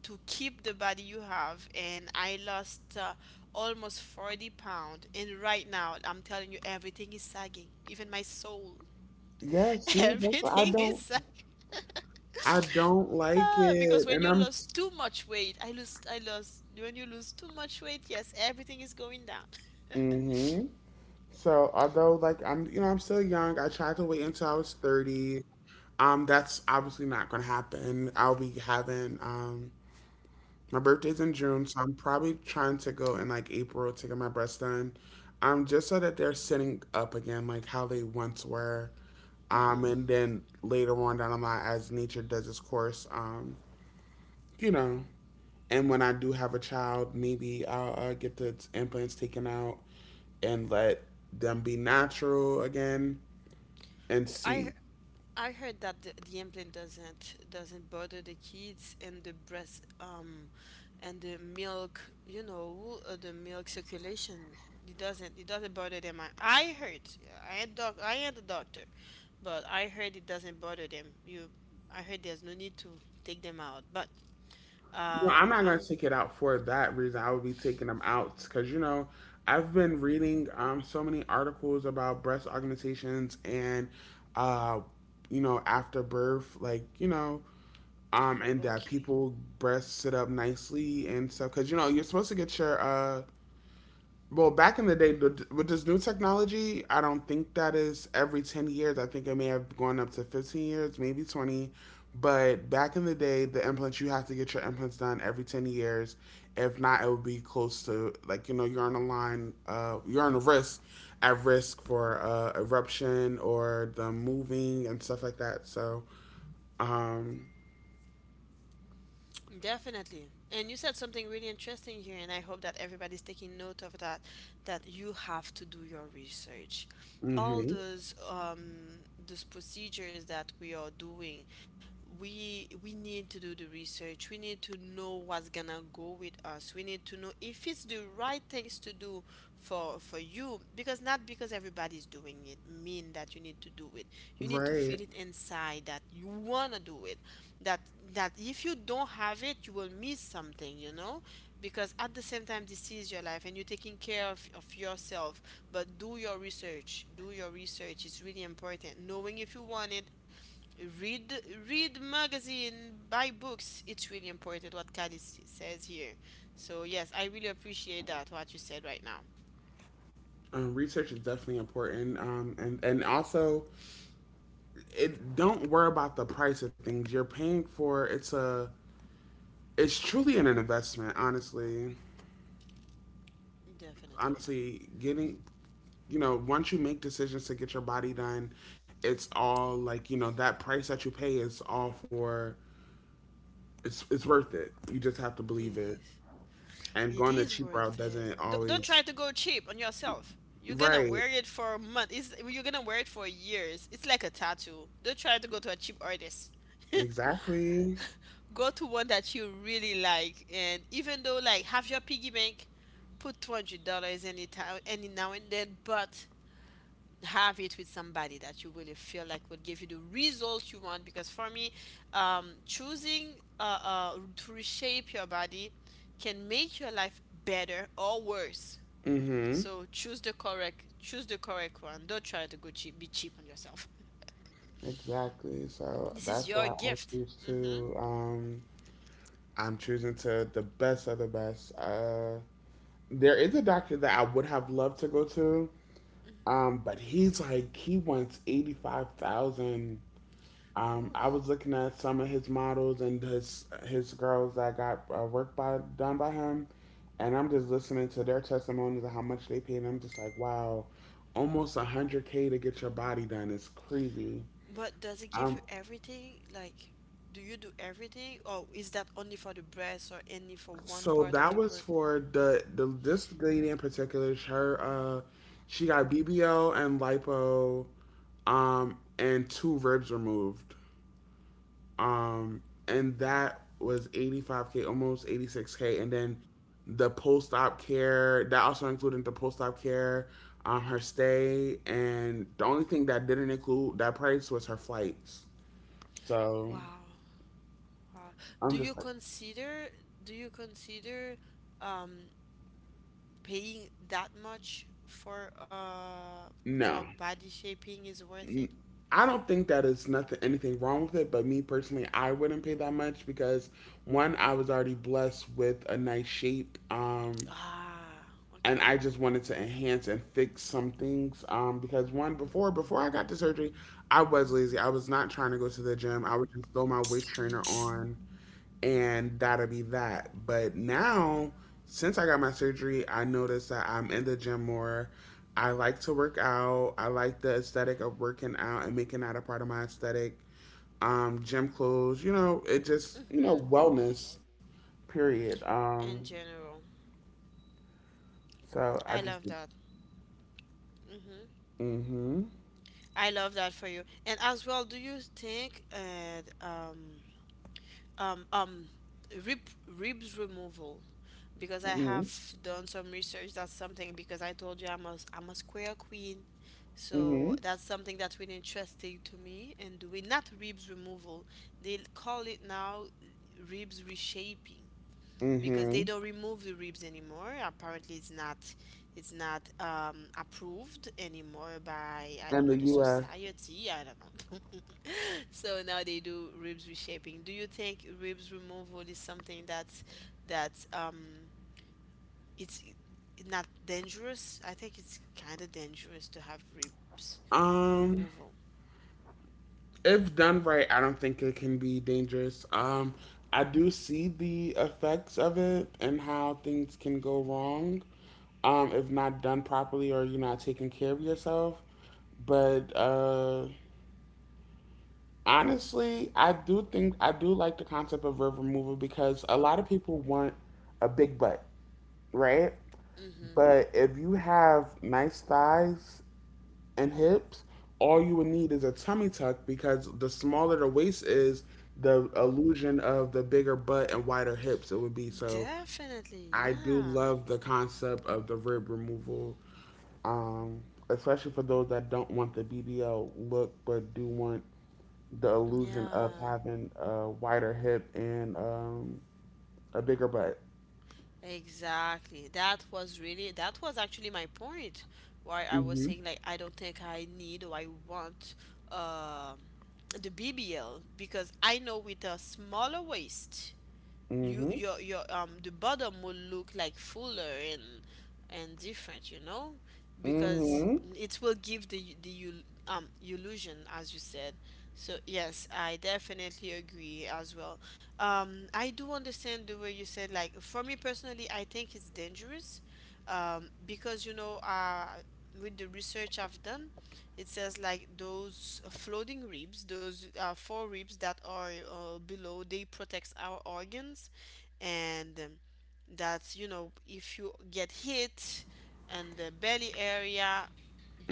[SPEAKER 2] to keep the body you have. And I lost almost 40 pound, and right now I'm telling you, everything is sagging. Even my soul,
[SPEAKER 1] yeah, see, that's why I
[SPEAKER 2] everything is
[SPEAKER 1] don't —
[SPEAKER 2] sagging.
[SPEAKER 1] I don't like
[SPEAKER 2] Ah, because
[SPEAKER 1] it,
[SPEAKER 2] when
[SPEAKER 1] and
[SPEAKER 2] you
[SPEAKER 1] I'm.
[SPEAKER 2] lose too much weight, I lost. When you lose too much weight, yes, everything is going down.
[SPEAKER 1] Mm-hmm. So although, like, I'm, you know, I'm still young, I tried to wait until I was 30. Um, that's obviously not going to happen. I'll be having my birthday's in June, so I'm probably trying to go in like April to get my breasts done. Um, just so that they're sitting up again like how they once were. Um,
[SPEAKER 2] hmm
[SPEAKER 1] and then later on down the line, as nature does its course, you know, and when I do have a child, maybe I'll get the implants taken out and let them be natural again and
[SPEAKER 2] I
[SPEAKER 1] see.
[SPEAKER 2] I heard that the implant doesn't bother the kids and the breast and the milk, the milk circulation. It doesn't bother them. I heard. I had a doctor, but I heard it doesn't bother them. I heard there's no need to take them out, but
[SPEAKER 1] No, I'm not gonna
[SPEAKER 2] I'm
[SPEAKER 1] take it out for that reason. I will be taking them out because, you know, I've been reading so many articles about breast augmentations and uh you know, after birth, like, you know, and that
[SPEAKER 2] okay.
[SPEAKER 1] people breasts sit up nicely and stuff, because, you know, you're supposed to get your well, back in the day, with this new technology, I don't think that is every 10 years. I think it may have gone up to 15 years, maybe 20. But back in the day, the implants, you have to get your implants done every 10 years. If not, it would be close to, like, you know, you're on a line, you're on a risk, at risk for eruption or the moving and stuff like that. So, um,
[SPEAKER 2] Definitely. And you said something really interesting here, and I hope that everybody's taking note of that, that you have to do your research.
[SPEAKER 1] hmm.
[SPEAKER 2] All those procedures that we are doing, we need to do the research. We need to know what's gonna go with us. We need to know if it's the right things to do for you, because not because everybody's doing it mean that you need to do it. You need to
[SPEAKER 1] Right.
[SPEAKER 2] feel it inside that you wanna do with that, that if you don't have it you will miss something, because at the same time this is your life and you're taking care of yourself. But do your research, do your research, it's really important knowing if you want it. Read, read magazine, buy books. It's really important what Kali says here. So yes, I really appreciate that what you said right now.
[SPEAKER 1] Research is definitely important. And also, it don't worry about the price of things you're paying for. It's truly an investment, honestly.
[SPEAKER 2] Definitely, yeah.
[SPEAKER 1] Honestly, getting — you know, once you make decisions to get your body done, it's all, like, you know, that price that you pay is all for — it's worth it. You just have to
[SPEAKER 2] It
[SPEAKER 1] believe it.
[SPEAKER 2] is.
[SPEAKER 1] And
[SPEAKER 2] It
[SPEAKER 1] going the
[SPEAKER 2] is
[SPEAKER 1] cheap
[SPEAKER 2] worth
[SPEAKER 1] route
[SPEAKER 2] it.
[SPEAKER 1] doesn't
[SPEAKER 2] Don't
[SPEAKER 1] always —
[SPEAKER 2] try to go cheap on yourself. You're gonna
[SPEAKER 1] right.
[SPEAKER 2] wear it for a month. You're gonna wear it for years. It's like a tattoo. Don't try to go to a cheap artist.
[SPEAKER 1] Exactly.
[SPEAKER 2] Go to one that you really like, and even though like have your piggy bank, put $200 any time, any now and then. But have it with somebody that you really feel like would give you the result you want, because for me choosing to reshape your body can make your life better or worse.
[SPEAKER 1] Mhm.
[SPEAKER 2] So choose the correct, choose the correct one, don't try to go cheap, be cheap on yourself.
[SPEAKER 1] Exactly. So
[SPEAKER 2] This is
[SPEAKER 1] that's
[SPEAKER 2] your
[SPEAKER 1] why I
[SPEAKER 2] gift.
[SPEAKER 1] choose
[SPEAKER 2] Mm-hmm.
[SPEAKER 1] to. I'm choosing to the best of the best. There is a doctor that I would have loved to go to, but he's like — he wants 85,000. I
[SPEAKER 2] Ooh.
[SPEAKER 1] was looking at some of his models and his girls that got work by done by him, and I'm just listening to their testimonies of how much they paid. And I'm just like, wow, almost 100K to get your body done is crazy.
[SPEAKER 2] But does it give you
[SPEAKER 1] Um,
[SPEAKER 2] everything? Like, do you do everything, or is that only for the breast or only for one
[SPEAKER 1] So
[SPEAKER 2] part of
[SPEAKER 1] that
[SPEAKER 2] the
[SPEAKER 1] was
[SPEAKER 2] work?
[SPEAKER 1] for the this lady in particular. Her she got BBL and lipo, and two ribs removed. Um, and that was 85K k, almost 86K k. And then the post op care that also included the post op care, her stay, and the only thing that didn't include that price was her flights. So
[SPEAKER 2] Wow. Wow. Do
[SPEAKER 1] I'm
[SPEAKER 2] you
[SPEAKER 1] just like,
[SPEAKER 2] consider do you consider um paying that much for
[SPEAKER 1] no.
[SPEAKER 2] body shaping is worth it?
[SPEAKER 1] I don't think that is nothing — anything wrong with it, but me personally, I wouldn't pay that much, because one, I was already blessed with a nice shape,
[SPEAKER 2] Ah,
[SPEAKER 1] and
[SPEAKER 2] okay.
[SPEAKER 1] I just wanted to enhance and fix some things. Because one, before I got the surgery, I was lazy. I was not trying to go to the gym. I would just throw my waist trainer on and that'll be that. But now, since I got my surgery, I noticed that I'm in the gym more. I like to work out. I like the aesthetic of working out and making that a part of my aesthetic. Gym clothes, you know, it just, you know,
[SPEAKER 2] Mhm.
[SPEAKER 1] wellness, period.
[SPEAKER 2] In general,
[SPEAKER 1] So I
[SPEAKER 2] I
[SPEAKER 1] just —
[SPEAKER 2] love that. Mhm.
[SPEAKER 1] mm-hmm,
[SPEAKER 2] I love that for you. And as well, do you think um um rib ribs removal, because I
[SPEAKER 1] mm-hmm,
[SPEAKER 2] have done some research. That's something, because I told you I'm a square queen,
[SPEAKER 1] mm-hmm,
[SPEAKER 2] so that's something that's really interesting to me. And doing not ribs removal, they call it now ribs reshaping, because
[SPEAKER 1] mm-hmm.
[SPEAKER 2] they don't remove the ribs anymore. Apparently, it's not approved anymore by I don't
[SPEAKER 1] And
[SPEAKER 2] know
[SPEAKER 1] the
[SPEAKER 2] the
[SPEAKER 1] U.S.
[SPEAKER 2] society. I don't know. So now they do ribs reshaping. Do you think ribs removal is something that it's not dangerous? I think it's kind of dangerous to have ribs
[SPEAKER 1] Um,
[SPEAKER 2] removal.
[SPEAKER 1] if done right, I don't think it can be dangerous. I do see the effects of it and how things can go wrong, if not done properly or you're not taking care of yourself. But, honestly, I do think — I do like the concept of river removal, because a lot of people want a big butt, right?
[SPEAKER 2] Mm-hmm.
[SPEAKER 1] But if you have nice thighs and hips, all you would need is a tummy tuck, because the smaller the waist is, the illusion of the bigger butt and wider hips it would be. So
[SPEAKER 2] Definitely,
[SPEAKER 1] I do
[SPEAKER 2] yeah.
[SPEAKER 1] love the concept of the rib removal, um, especially for those that don't want the BBL look but do want the illusion of
[SPEAKER 2] Yeah,
[SPEAKER 1] having a wider hip and, a bigger butt.
[SPEAKER 2] exactly. That was actually my point. Why I was
[SPEAKER 1] Mhm.
[SPEAKER 2] saying, like, I don't think I need or I want uh the BBL, because I know with a smaller waist, you
[SPEAKER 1] Mhm.
[SPEAKER 2] your the bottom will look like fuller and different, you know, because
[SPEAKER 1] Mhm.
[SPEAKER 2] it will give the illusion, as you said. So yes, I definitely agree as well. I do understand the way you said. Like, for me personally, I think it's dangerous. Because with the research I've done, it says, like, those floating ribs, those four ribs that are below, they protects our organs. And that's, if you get hit and the belly area,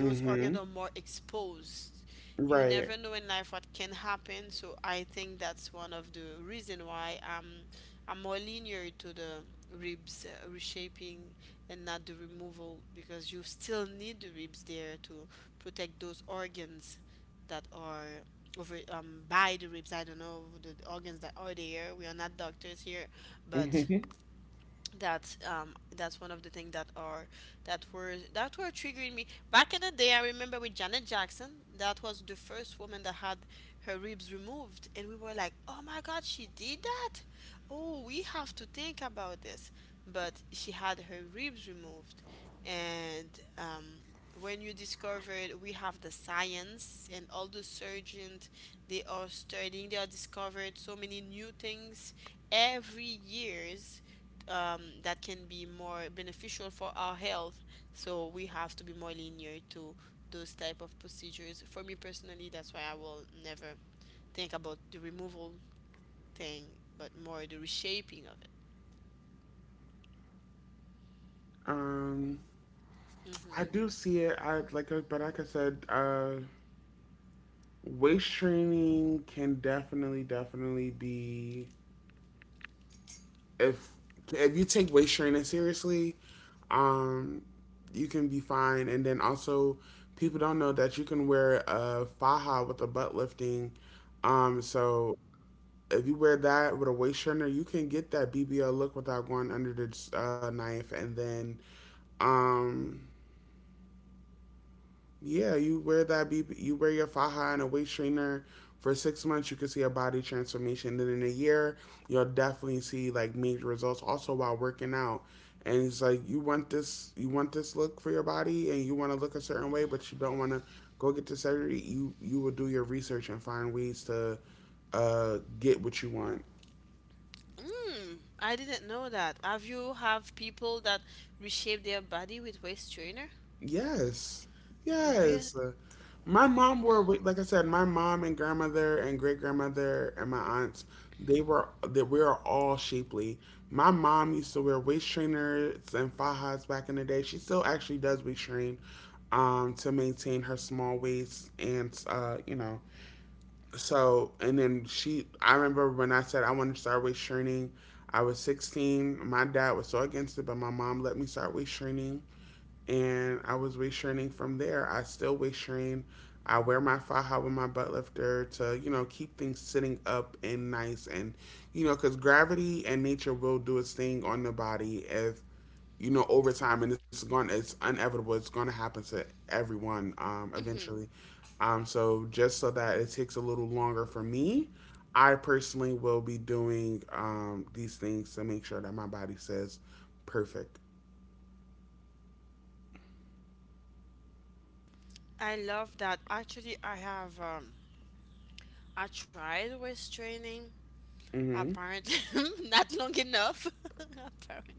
[SPEAKER 2] those organs are more exposed. You
[SPEAKER 1] Right.
[SPEAKER 2] never know in life what can happen. So I think that's one of the reason why I'm more linear to the ribs reshaping and not the removal, because you still need the ribs there to protect those organs that are over by the ribs. I don't know the organs that are there, we are not doctors here. But
[SPEAKER 1] Mhm.
[SPEAKER 2] that's one of the things that were triggering me. Back in the day, I remember with Janet Jackson, that was the first woman that had her ribs removed, and we were like, oh my god, she did that. Oh, we have to think about this. But she had her ribs removed. And when you discovered we have the science and all the surgeons, they are studying, they are discovered so many new things every years, that can be more beneficial for our health. So we have to be more linear to those type of procedures. For me personally, that's why I will never think about the removal thing, but more the reshaping of it.
[SPEAKER 1] Um, I
[SPEAKER 2] hmm
[SPEAKER 1] do see it. I like, but like I said, weight training can definitely, definitely be — if if you take weight training seriously, um, you can be fine. And then also, people don't know that you can wear a faja with a butt lifting. So if you wear that with a waist trainer, you can get that BBL look without going under the knife. And then, um, yeah, you wear your faja and a waist trainer for 6 months. You can see a body transformation. Then in a year, you'll definitely see like major results. Also while working out, and it's like you want this look for your body, and you want to look a certain way, but you don't want to go get the surgery. You will do your research and find ways to get what you want.
[SPEAKER 2] Mm, I didn't know that. Have you have people that reshape their body with waist trainer?
[SPEAKER 1] Yes,
[SPEAKER 2] Really?
[SPEAKER 1] yes. My mom were wi- like I said, my mom and grandmother and great grandmother and my aunts. They were that We are all shapely. My mom used to wear waist trainers and fajas back in the day. She still actually does waist train, to maintain her small waist and you know. So and then I remember when I said I wanted to start waist training. I was 16. My dad was so against it, but my mom let me start waist training and I was waist training from there. I still waist train. I wear my faja with my butt lifter to, you know, keep things sitting up and nice. And, you know, because gravity and nature will do its thing on the body if, you know, over time, and it's inevitable, it's going to happen to everyone
[SPEAKER 2] Hmm.
[SPEAKER 1] eventually. So just so that it takes a little longer for me, I personally will be doing these things to make sure that my body says perfect.
[SPEAKER 2] I love that. Actually, I have I tried waist training.
[SPEAKER 1] Hmm
[SPEAKER 2] Apparently, not long enough. Apparently.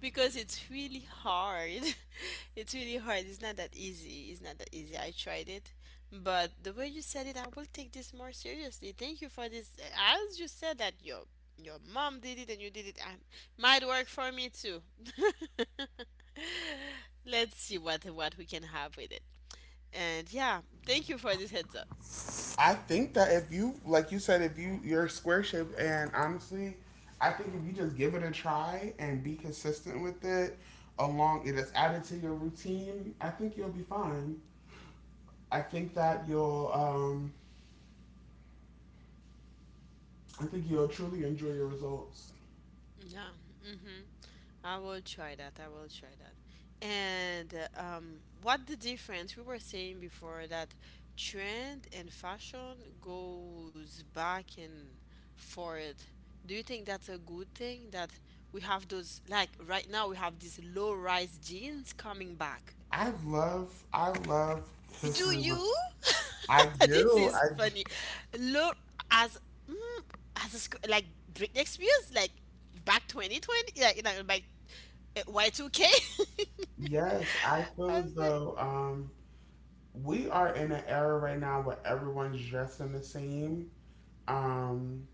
[SPEAKER 2] Because it's really hard. It's really hard. It's not that easy. It's not that easy. I tried it. But the way you said it, I will take this more seriously. Thank you for this. As you said that your mom did it and you did it, might work for me too. Let's see what we can have with it. And yeah, thank you for this heads up.
[SPEAKER 1] I think that if you, like you said, if you're square shape, and honestly, I think if you just give it a try and be consistent with it, along it is added to your routine, I think you'll be fine. I think that I think you'll truly enjoy your results.
[SPEAKER 2] Yeah. Hmm. I will try that. I will try that. And what the difference we were saying before, that trend and fashion goes back and forth. Do you think that's a good thing that we have those, like right now we have these low rise jeans coming back?
[SPEAKER 1] I love
[SPEAKER 2] Do
[SPEAKER 1] history.
[SPEAKER 2] you?
[SPEAKER 1] I
[SPEAKER 2] This
[SPEAKER 1] do.
[SPEAKER 2] is funny. Look, as mm, as a, like Britney Spears, like back 2020, like Y2K,
[SPEAKER 1] Yes, I feel
[SPEAKER 2] was
[SPEAKER 1] as
[SPEAKER 2] like,
[SPEAKER 1] though we are in an era right now where everyone's dressing the same. Um,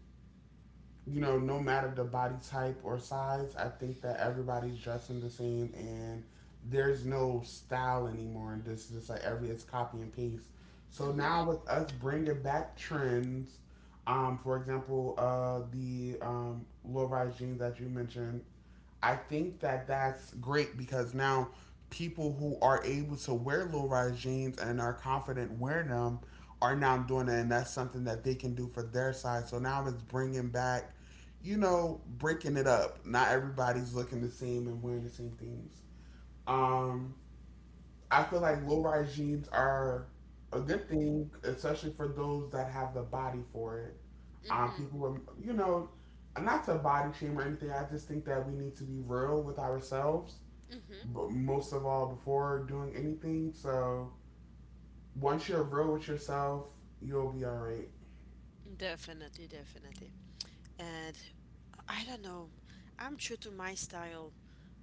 [SPEAKER 1] you know, no matter the body type or size, I think that everybody's dressing the same and there's no style anymore. And this is just like every it's copy and paste. So now with us bringing back trends, for example, the low rise jeans that you mentioned, I think that that's great because now people who are able to wear low rise jeans and are confident wearing them are now doing it, and that's something that they can do for their size. So now it's bringing back, you know, breaking it up. Not everybody's looking the same and wearing the same things. Um, I feel like low rise jeans are a good thing, especially for those that have the body for it on people. You know, not to body shame or anything. I just think that we need to be real with ourselves, but most of all, before doing anything. So once you're real with yourself, you'll be all right.
[SPEAKER 2] Definitely, definitely. And I don't know. I'm true to my style.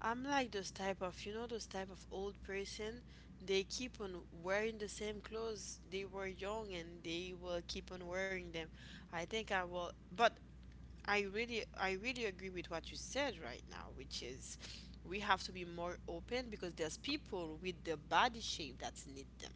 [SPEAKER 2] I'm like those type of, those type of old person. They keep on wearing the same clothes they were young, and they will keep on wearing them. I think I will, but I really agree with what you said right now, which is we have to be more open because there's people with the body shape that's need them.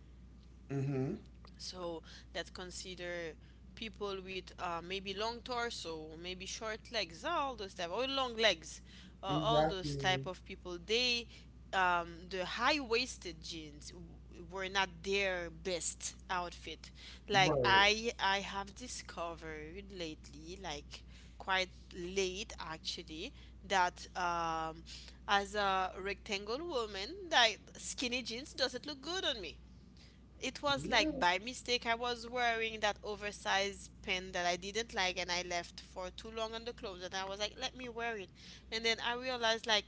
[SPEAKER 1] Mm-hmm.
[SPEAKER 2] So that consider people with maybe long torso, maybe short legs, all those type or long legs, all those
[SPEAKER 1] Exactly.
[SPEAKER 2] type of people, they the high-waisted jeans were not their best outfit. Like
[SPEAKER 1] Right.
[SPEAKER 2] I have discovered lately, like quite late actually, that as a rectangle woman, like skinny jeans doesn't look good on me. It was like,
[SPEAKER 1] Yeah.
[SPEAKER 2] by mistake I was wearing that oversized pin that I didn't like and I left for too long on the clothes, and I was like, let me wear it. And then I realized, like,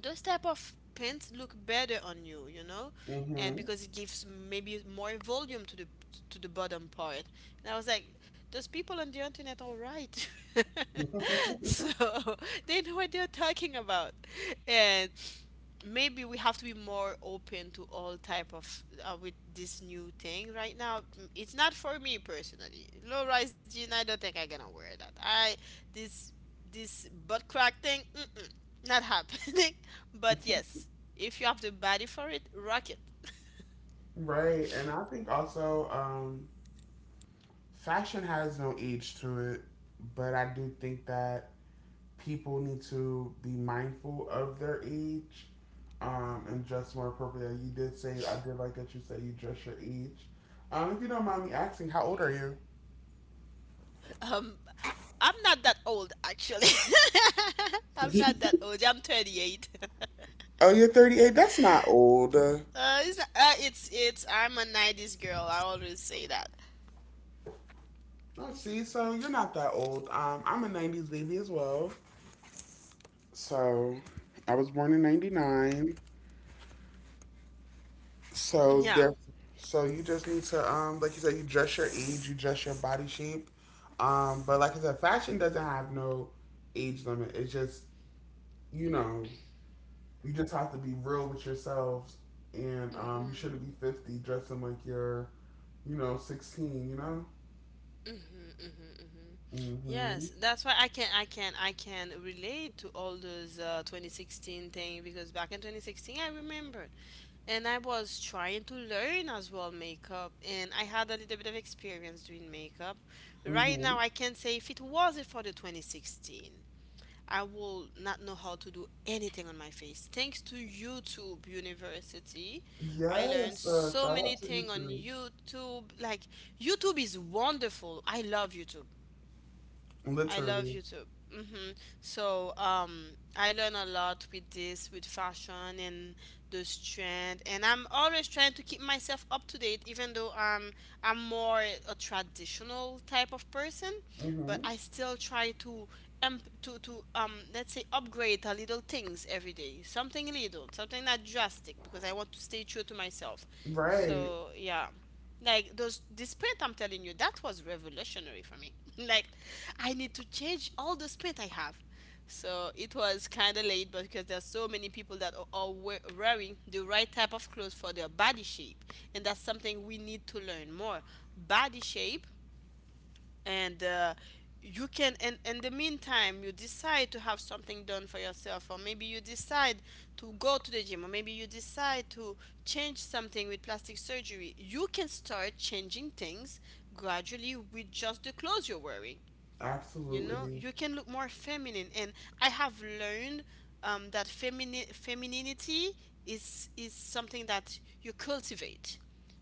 [SPEAKER 2] those type of pants look better on you you know, and
[SPEAKER 1] Mm-hmm.
[SPEAKER 2] because it gives maybe more volume to the bottom part. And I was like, those people on the internet are right. So they know what they're talking about. And maybe we have to be more open to all type of with this new thing right now. It's not for me personally, low rise jean, I don't think I'm gonna wear that. I this this butt crack thing, mm-mm, not happening. But yes, if you have the body for it, rock it.
[SPEAKER 1] right. And I think also, fashion has no age to it, but I do think that people need to be mindful of their age and dress more appropriately. You did say I did like that you said you dress your age. If you don't mind me asking, how old are you?
[SPEAKER 2] Um, I'm not that old actually. I'm not that old. I'm 38.
[SPEAKER 1] Oh, you're 38. That's not old.
[SPEAKER 2] It's I'm a 90s girl. I always say that.
[SPEAKER 1] Oh, see, so you're not that old. I'm a 90s baby as well. So I was born in 99. So
[SPEAKER 2] Yeah.
[SPEAKER 1] there, so you just need to like you said, you dress your age, you dress your body shape, but like I said, fashion doesn't have no age limit. It's just you know, you just have to be real with yourselves, and you shouldn't be 50 dressing like you're, you know, 16. You know.
[SPEAKER 2] hmm hmm
[SPEAKER 1] Mhm.
[SPEAKER 2] Yes, that's why I can relate to all those 2016 thing, because back in 2016 I remembered and I was trying to learn as well makeup, and I had a little bit of experience doing makeup. Right
[SPEAKER 1] Mhm.
[SPEAKER 2] now I can say if it wasn't for the 2016, I will not know how to do anything on my face. Thanks to YouTube University, I learned
[SPEAKER 1] Yes.
[SPEAKER 2] so
[SPEAKER 1] Shout
[SPEAKER 2] many
[SPEAKER 1] out to you
[SPEAKER 2] things on
[SPEAKER 1] too.
[SPEAKER 2] YouTube. Like YouTube is wonderful. I love YouTube. I love
[SPEAKER 1] Literally.
[SPEAKER 2] YouTube. hmm So I learn a lot with this, with fashion and those trend, and I'm always trying to keep myself up to date, even though I'm more a traditional type of person, but
[SPEAKER 1] Mhm.
[SPEAKER 2] I still try to let's say upgrade a little things every day, something little, something not drastic, because I want to stay true to myself.
[SPEAKER 1] Right.
[SPEAKER 2] So yeah. Like those the paint I'm telling you, that was revolutionary for me. Like I need to change all the paint I have. So it was kind of late. But because there's so many people that are wearing the right type of clothes for their body shape, and that's something we need to learn more. Body shape, and you can, and in the meantime you decide to have something done for yourself, or maybe you decide to go to the gym, or maybe you decide to change something with plastic surgery. You can start changing things gradually with just the clothes you're wearing. You know,
[SPEAKER 1] Absolutely.
[SPEAKER 2] you can look more feminine. And I have learned that femininity is something that you cultivate.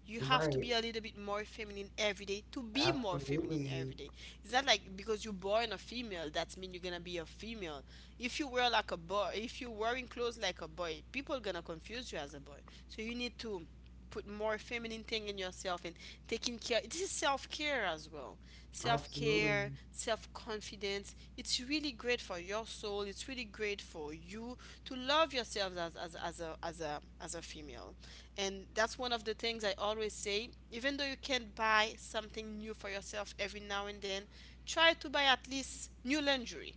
[SPEAKER 2] You have to
[SPEAKER 1] Right.
[SPEAKER 2] be a little bit more feminine every day to be more feminine every
[SPEAKER 1] Absolutely.
[SPEAKER 2] day. It's not like because you're born a female, that means you're gonna be a female. If you wear like a boy, if you're wearing clothes like a boy, people gonna confuse you as a boy. So you need to put more feminine thing in yourself, and taking care, this is self-care as well.
[SPEAKER 1] Absolutely.
[SPEAKER 2] Self-care, self-confidence, it's really great for your soul, it's really great for you to love yourself as a as a as a female. And that's one of the things I always say. Even though you can't buy something new for yourself every now and then, try to buy at least new lingerie.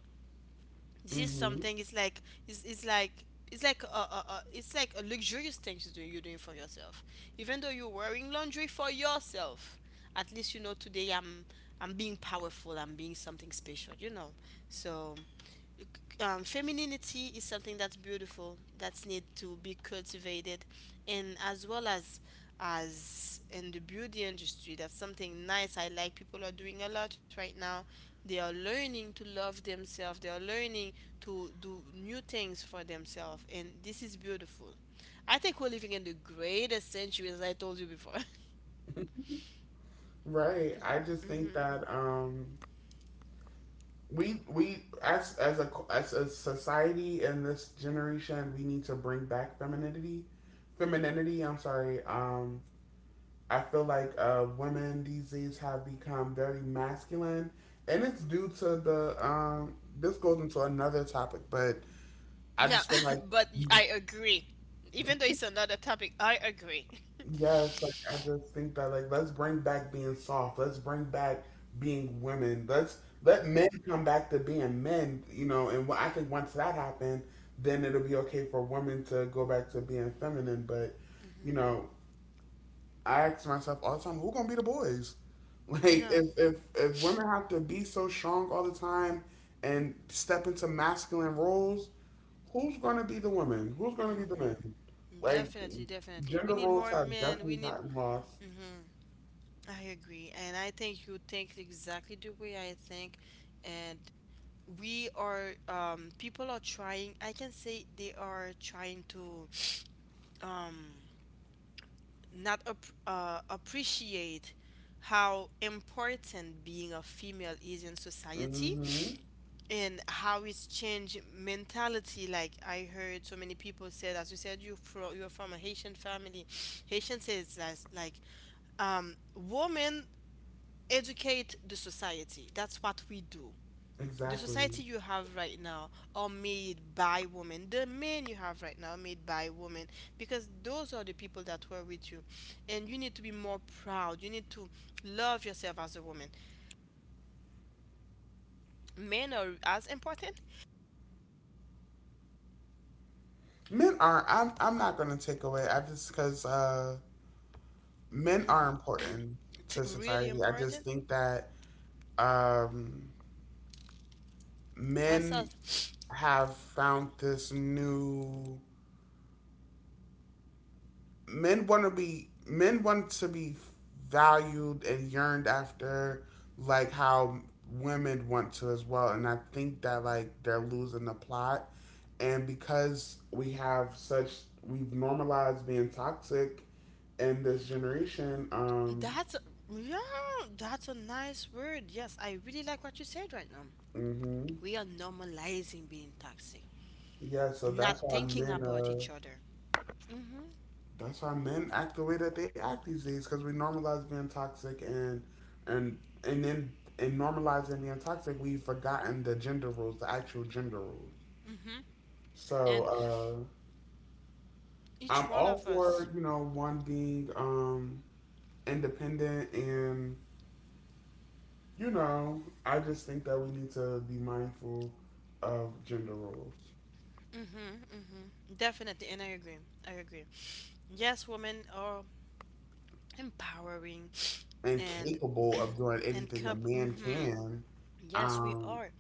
[SPEAKER 2] This
[SPEAKER 1] Hmm
[SPEAKER 2] something it's like it's like it's like a it's like a luxurious thing to do, you're doing for yourself. Even though you're wearing laundry for yourself, at least you know today I'm being powerful, I'm being something special, you know. So femininity is something that's beautiful, that's need to be cultivated, and as well as in the beauty industry. That's something nice. I like people are doing a lot right now. They are learning to love themselves. They are learning to do new things for themselves. And this is beautiful. I think we're living in the greatest century, as I told you before.
[SPEAKER 1] Right. I just think
[SPEAKER 2] Mhm.
[SPEAKER 1] that we as a society in this generation, we need to bring back femininity. Femininity. I'm sorry. I feel like women these days have become very masculine, and it's due to the. This goes into another topic, but I
[SPEAKER 2] Yeah,
[SPEAKER 1] just feel like
[SPEAKER 2] but I agree. Even though it's another topic, I agree.
[SPEAKER 1] yes, like I just think that like let's bring back being soft. Let's bring back being women. Let's let men come back to being men, you know, and I think once that happens, then it'll be okay for women to go back to being feminine, but you
[SPEAKER 2] Mhm.
[SPEAKER 1] know, I ask myself all the time, who gonna be the boys? Like
[SPEAKER 2] Yeah,
[SPEAKER 1] if if women have to be so strong all the time and step into masculine roles, who's gonna be the women? Who's gonna be the men? Like
[SPEAKER 2] definitely, definitely. We
[SPEAKER 1] gender
[SPEAKER 2] need
[SPEAKER 1] roles
[SPEAKER 2] more
[SPEAKER 1] have
[SPEAKER 2] men. We
[SPEAKER 1] definitely
[SPEAKER 2] need,
[SPEAKER 1] gotten lost.
[SPEAKER 2] I agree. And I think you think exactly the way I think. And we are, people are trying, I can say they are trying to um, not ap- appreciate how important being a female is in society,
[SPEAKER 1] Hmm
[SPEAKER 2] and how it's changed mentality. Like I heard so many people said, as you said, you're from a Haitian family. Haitian says that like, women educate the society. That's what we do. The
[SPEAKER 1] Exactly.
[SPEAKER 2] society you have right now are made by women. The men you have right now are made by women, because those are the people that were with you. And you need to be more proud. You need to love yourself as a woman. Men are as important,
[SPEAKER 1] Men are. I'm not gonna take away. I just because men are important
[SPEAKER 2] t-
[SPEAKER 1] to
[SPEAKER 2] really
[SPEAKER 1] society. I just
[SPEAKER 2] important.
[SPEAKER 1] think that um, men
[SPEAKER 2] Ourselves.
[SPEAKER 1] have found this new men want to be valued and yearned after like how women want to as well, and I think that like they're losing the plot, and because we have such we've normalized being toxic in this generation.
[SPEAKER 2] That's, yeah, that's a nice word. Yes, I really like what you said right now.
[SPEAKER 1] Mhm
[SPEAKER 2] We are normalizing being toxic,
[SPEAKER 1] yeah, so
[SPEAKER 2] not
[SPEAKER 1] that's why
[SPEAKER 2] thinking
[SPEAKER 1] men
[SPEAKER 2] about each other. Mhm.
[SPEAKER 1] That's why men act the way that they act these days because we normalize being toxic and and then in normalizing being toxic, we've forgotten the gender rules, the actual gender rules. So
[SPEAKER 2] And each
[SPEAKER 1] I'm
[SPEAKER 2] one
[SPEAKER 1] all
[SPEAKER 2] of us,
[SPEAKER 1] for you know one being independent and you know I just think that we need to be mindful of gender roles
[SPEAKER 2] mm-hmm, mm-hmm, definitely, and I agree, I agree. Yes, women are empowering.
[SPEAKER 1] and
[SPEAKER 2] and
[SPEAKER 1] capable of doing
[SPEAKER 2] and
[SPEAKER 1] anything a
[SPEAKER 2] cup
[SPEAKER 1] man
[SPEAKER 2] mm-hmm,
[SPEAKER 1] can.
[SPEAKER 2] yes we
[SPEAKER 1] Um,
[SPEAKER 2] are,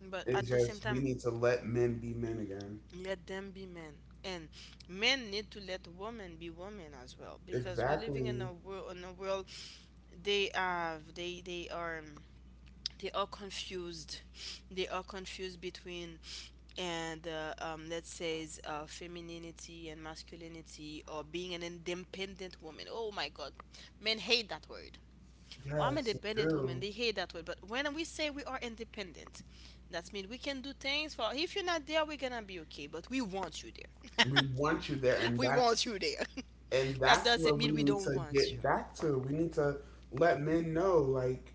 [SPEAKER 2] but
[SPEAKER 1] it's
[SPEAKER 2] at the same
[SPEAKER 1] just we
[SPEAKER 2] time
[SPEAKER 1] need to let men be men again.
[SPEAKER 2] let them be men, and men need to let women be women as well, because we're living in
[SPEAKER 1] Exactly.
[SPEAKER 2] a world, they have they are, they are confused, they are confused between and let's say femininity and masculinity, or being an independent woman. Oh my god, men hate that word. Well, I'm an
[SPEAKER 1] Yes, we
[SPEAKER 2] independent woman,
[SPEAKER 1] do.
[SPEAKER 2] they hate that word. But when we say we are independent, that means we can do things for, if you're not there we're gonna be okay, but we want you there.
[SPEAKER 1] We want you there,
[SPEAKER 2] We want you there.
[SPEAKER 1] and
[SPEAKER 2] That
[SPEAKER 1] that's where
[SPEAKER 2] doesn't
[SPEAKER 1] we
[SPEAKER 2] mean we
[SPEAKER 1] need
[SPEAKER 2] don't
[SPEAKER 1] to
[SPEAKER 2] want
[SPEAKER 1] get
[SPEAKER 2] you.
[SPEAKER 1] back to. We need to let men know, like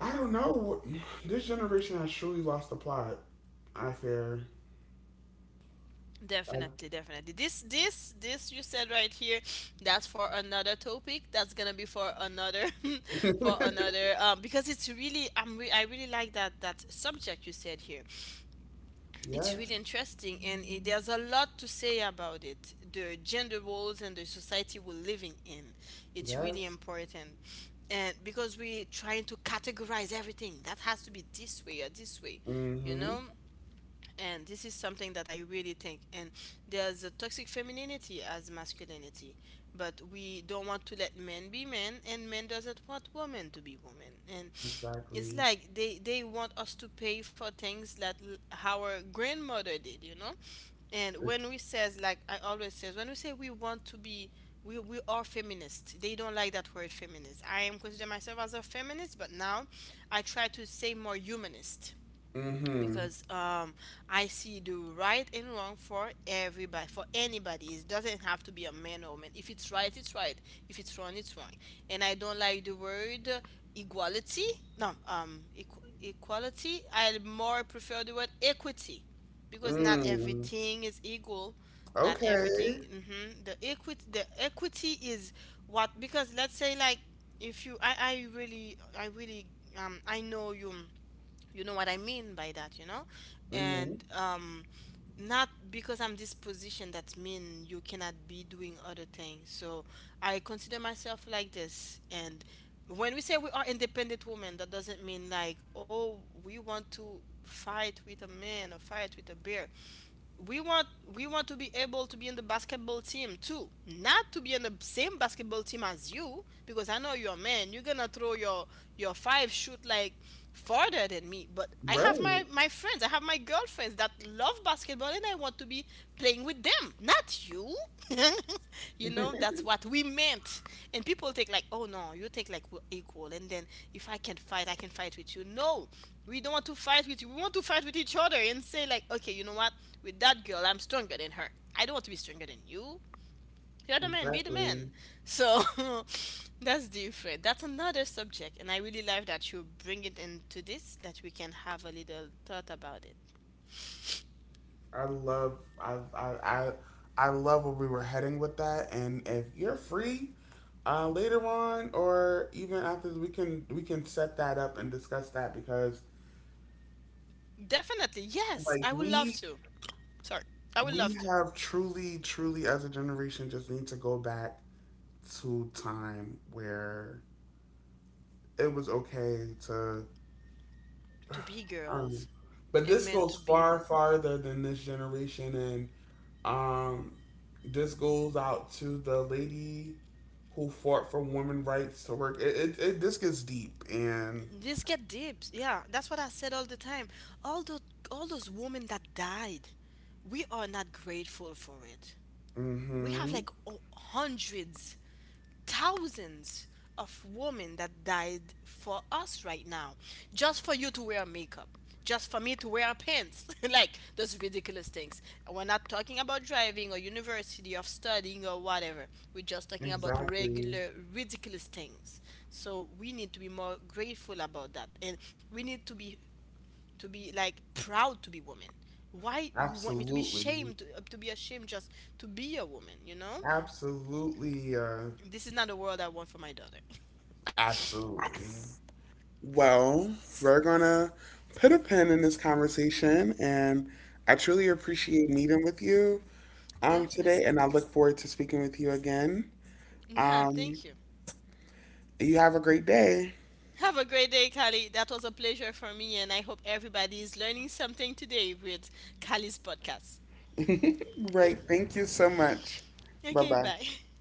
[SPEAKER 1] I don't know, this generation has truly lost the plot. I fear. I-
[SPEAKER 2] Definitely, definitely. This you said right here, that's for another topic. That's gonna be for another, for another. Because it's really, I really like that that subject you said here. It's
[SPEAKER 1] yes,
[SPEAKER 2] really interesting, and it, there's a lot to say about it. The gender roles and the society we're living in, it's really
[SPEAKER 1] yes.
[SPEAKER 2] important, and because we're trying to categorize everything, that has to be this way or this way, you
[SPEAKER 1] Mm-hmm.
[SPEAKER 2] know. And this is something that I really think. And there's a toxic femininity as masculinity, but we don't want to let men be men, and men doesn't want women to be women. And it's
[SPEAKER 1] Exactly.
[SPEAKER 2] like they want us to pay for things that our grandmother did, you know. And when we says like, I always says, when we say we want to be, we are feminists, they don't like that word feminist. I am consider myself as a feminist, but now I try to say more humanist,
[SPEAKER 1] Mm-hmm.
[SPEAKER 2] because I see the right and wrong for everybody, for anybody. It doesn't have to be a man or woman. If it's right, it's right. If it's wrong, it's wrong. And I don't like the word equality. No, equality. I more prefer the word equity, because not
[SPEAKER 1] Mm.
[SPEAKER 2] everything is equal. Not everything.
[SPEAKER 1] Okay.
[SPEAKER 2] The equity, the equity is what, because let's say like, if you, I really, I really, I know you, you know what I mean by that, you know.
[SPEAKER 1] Mm-hmm.
[SPEAKER 2] And not because I'm this position that mean you cannot be doing other things. So I consider myself like this. And when we say we are independent women, that doesn't mean like, oh, we want to fight with a man or fight with a bear. We want, we want to be able to be in the basketball team too, not to be in the same basketball team as you, because I know you're a man, you're gonna throw your five shoot like farther than me. But I have my
[SPEAKER 1] Right.
[SPEAKER 2] my friends, I have my girlfriends that love basketball, and I want to be playing with them, not you. You know, that's what we meant. And people think like, oh no, you think like we're equal. And then if I can fight, I can fight with you. No, we don't want to fight with you. We want to fight with each other and say like, okay, you know what? With that girl, I'm stronger than her. I don't want to be stronger than you. You're the man. Be the
[SPEAKER 1] Exactly.
[SPEAKER 2] man. So that's different. That's another subject, and I really love that you bring it into this, that we can have a little thought about it.
[SPEAKER 1] I love I I I, I love where we were heading with that. And if you're free later on, or even after, we can set that up and discuss that because
[SPEAKER 2] Definitely, yes,
[SPEAKER 1] like
[SPEAKER 2] I would love to. Sorry, I would
[SPEAKER 1] we
[SPEAKER 2] love to.
[SPEAKER 1] have truly as a generation just need to go back to time where it was okay to
[SPEAKER 2] To be girls
[SPEAKER 1] Um, but
[SPEAKER 2] and
[SPEAKER 1] this
[SPEAKER 2] men
[SPEAKER 1] goes
[SPEAKER 2] to be
[SPEAKER 1] far
[SPEAKER 2] men.
[SPEAKER 1] farther than this generation, and um, this goes out to the lady who fought for women rights to work. It this gets deep, and
[SPEAKER 2] This get deep. Yeah, that's what I said all the time. All those, all those women that died, we are not grateful for it. We have
[SPEAKER 1] mm-hmm,
[SPEAKER 2] like hundreds, thousands of women that died for us right now, just for you to wear makeup, just for me to wear pants, like those ridiculous things. We're not talking about driving or university or studying or whatever. We're just talking about
[SPEAKER 1] exactly,
[SPEAKER 2] regular ridiculous things. So we need to be more grateful about that, and we need to be, to be like proud to be women. Why you want me to be
[SPEAKER 1] absolutely,
[SPEAKER 2] shamed, to be ashamed just to be a woman, you know.
[SPEAKER 1] absolutely,
[SPEAKER 2] This is not the world I want for my daughter.
[SPEAKER 1] absolutely. Well, we're gonna put a pin in this conversation, and I truly appreciate meeting with you today,
[SPEAKER 2] Definitely.
[SPEAKER 1] and I look forward to speaking with you again.
[SPEAKER 2] Yeah,
[SPEAKER 1] Um,
[SPEAKER 2] thank you.
[SPEAKER 1] you have a great day.
[SPEAKER 2] Have a great day, Kali. That was a pleasure for me, and I hope everybody is learning something today with Kali's podcast.
[SPEAKER 1] Right. Thank you so much. Bye
[SPEAKER 2] Okay,
[SPEAKER 1] bye.
[SPEAKER 2] bye.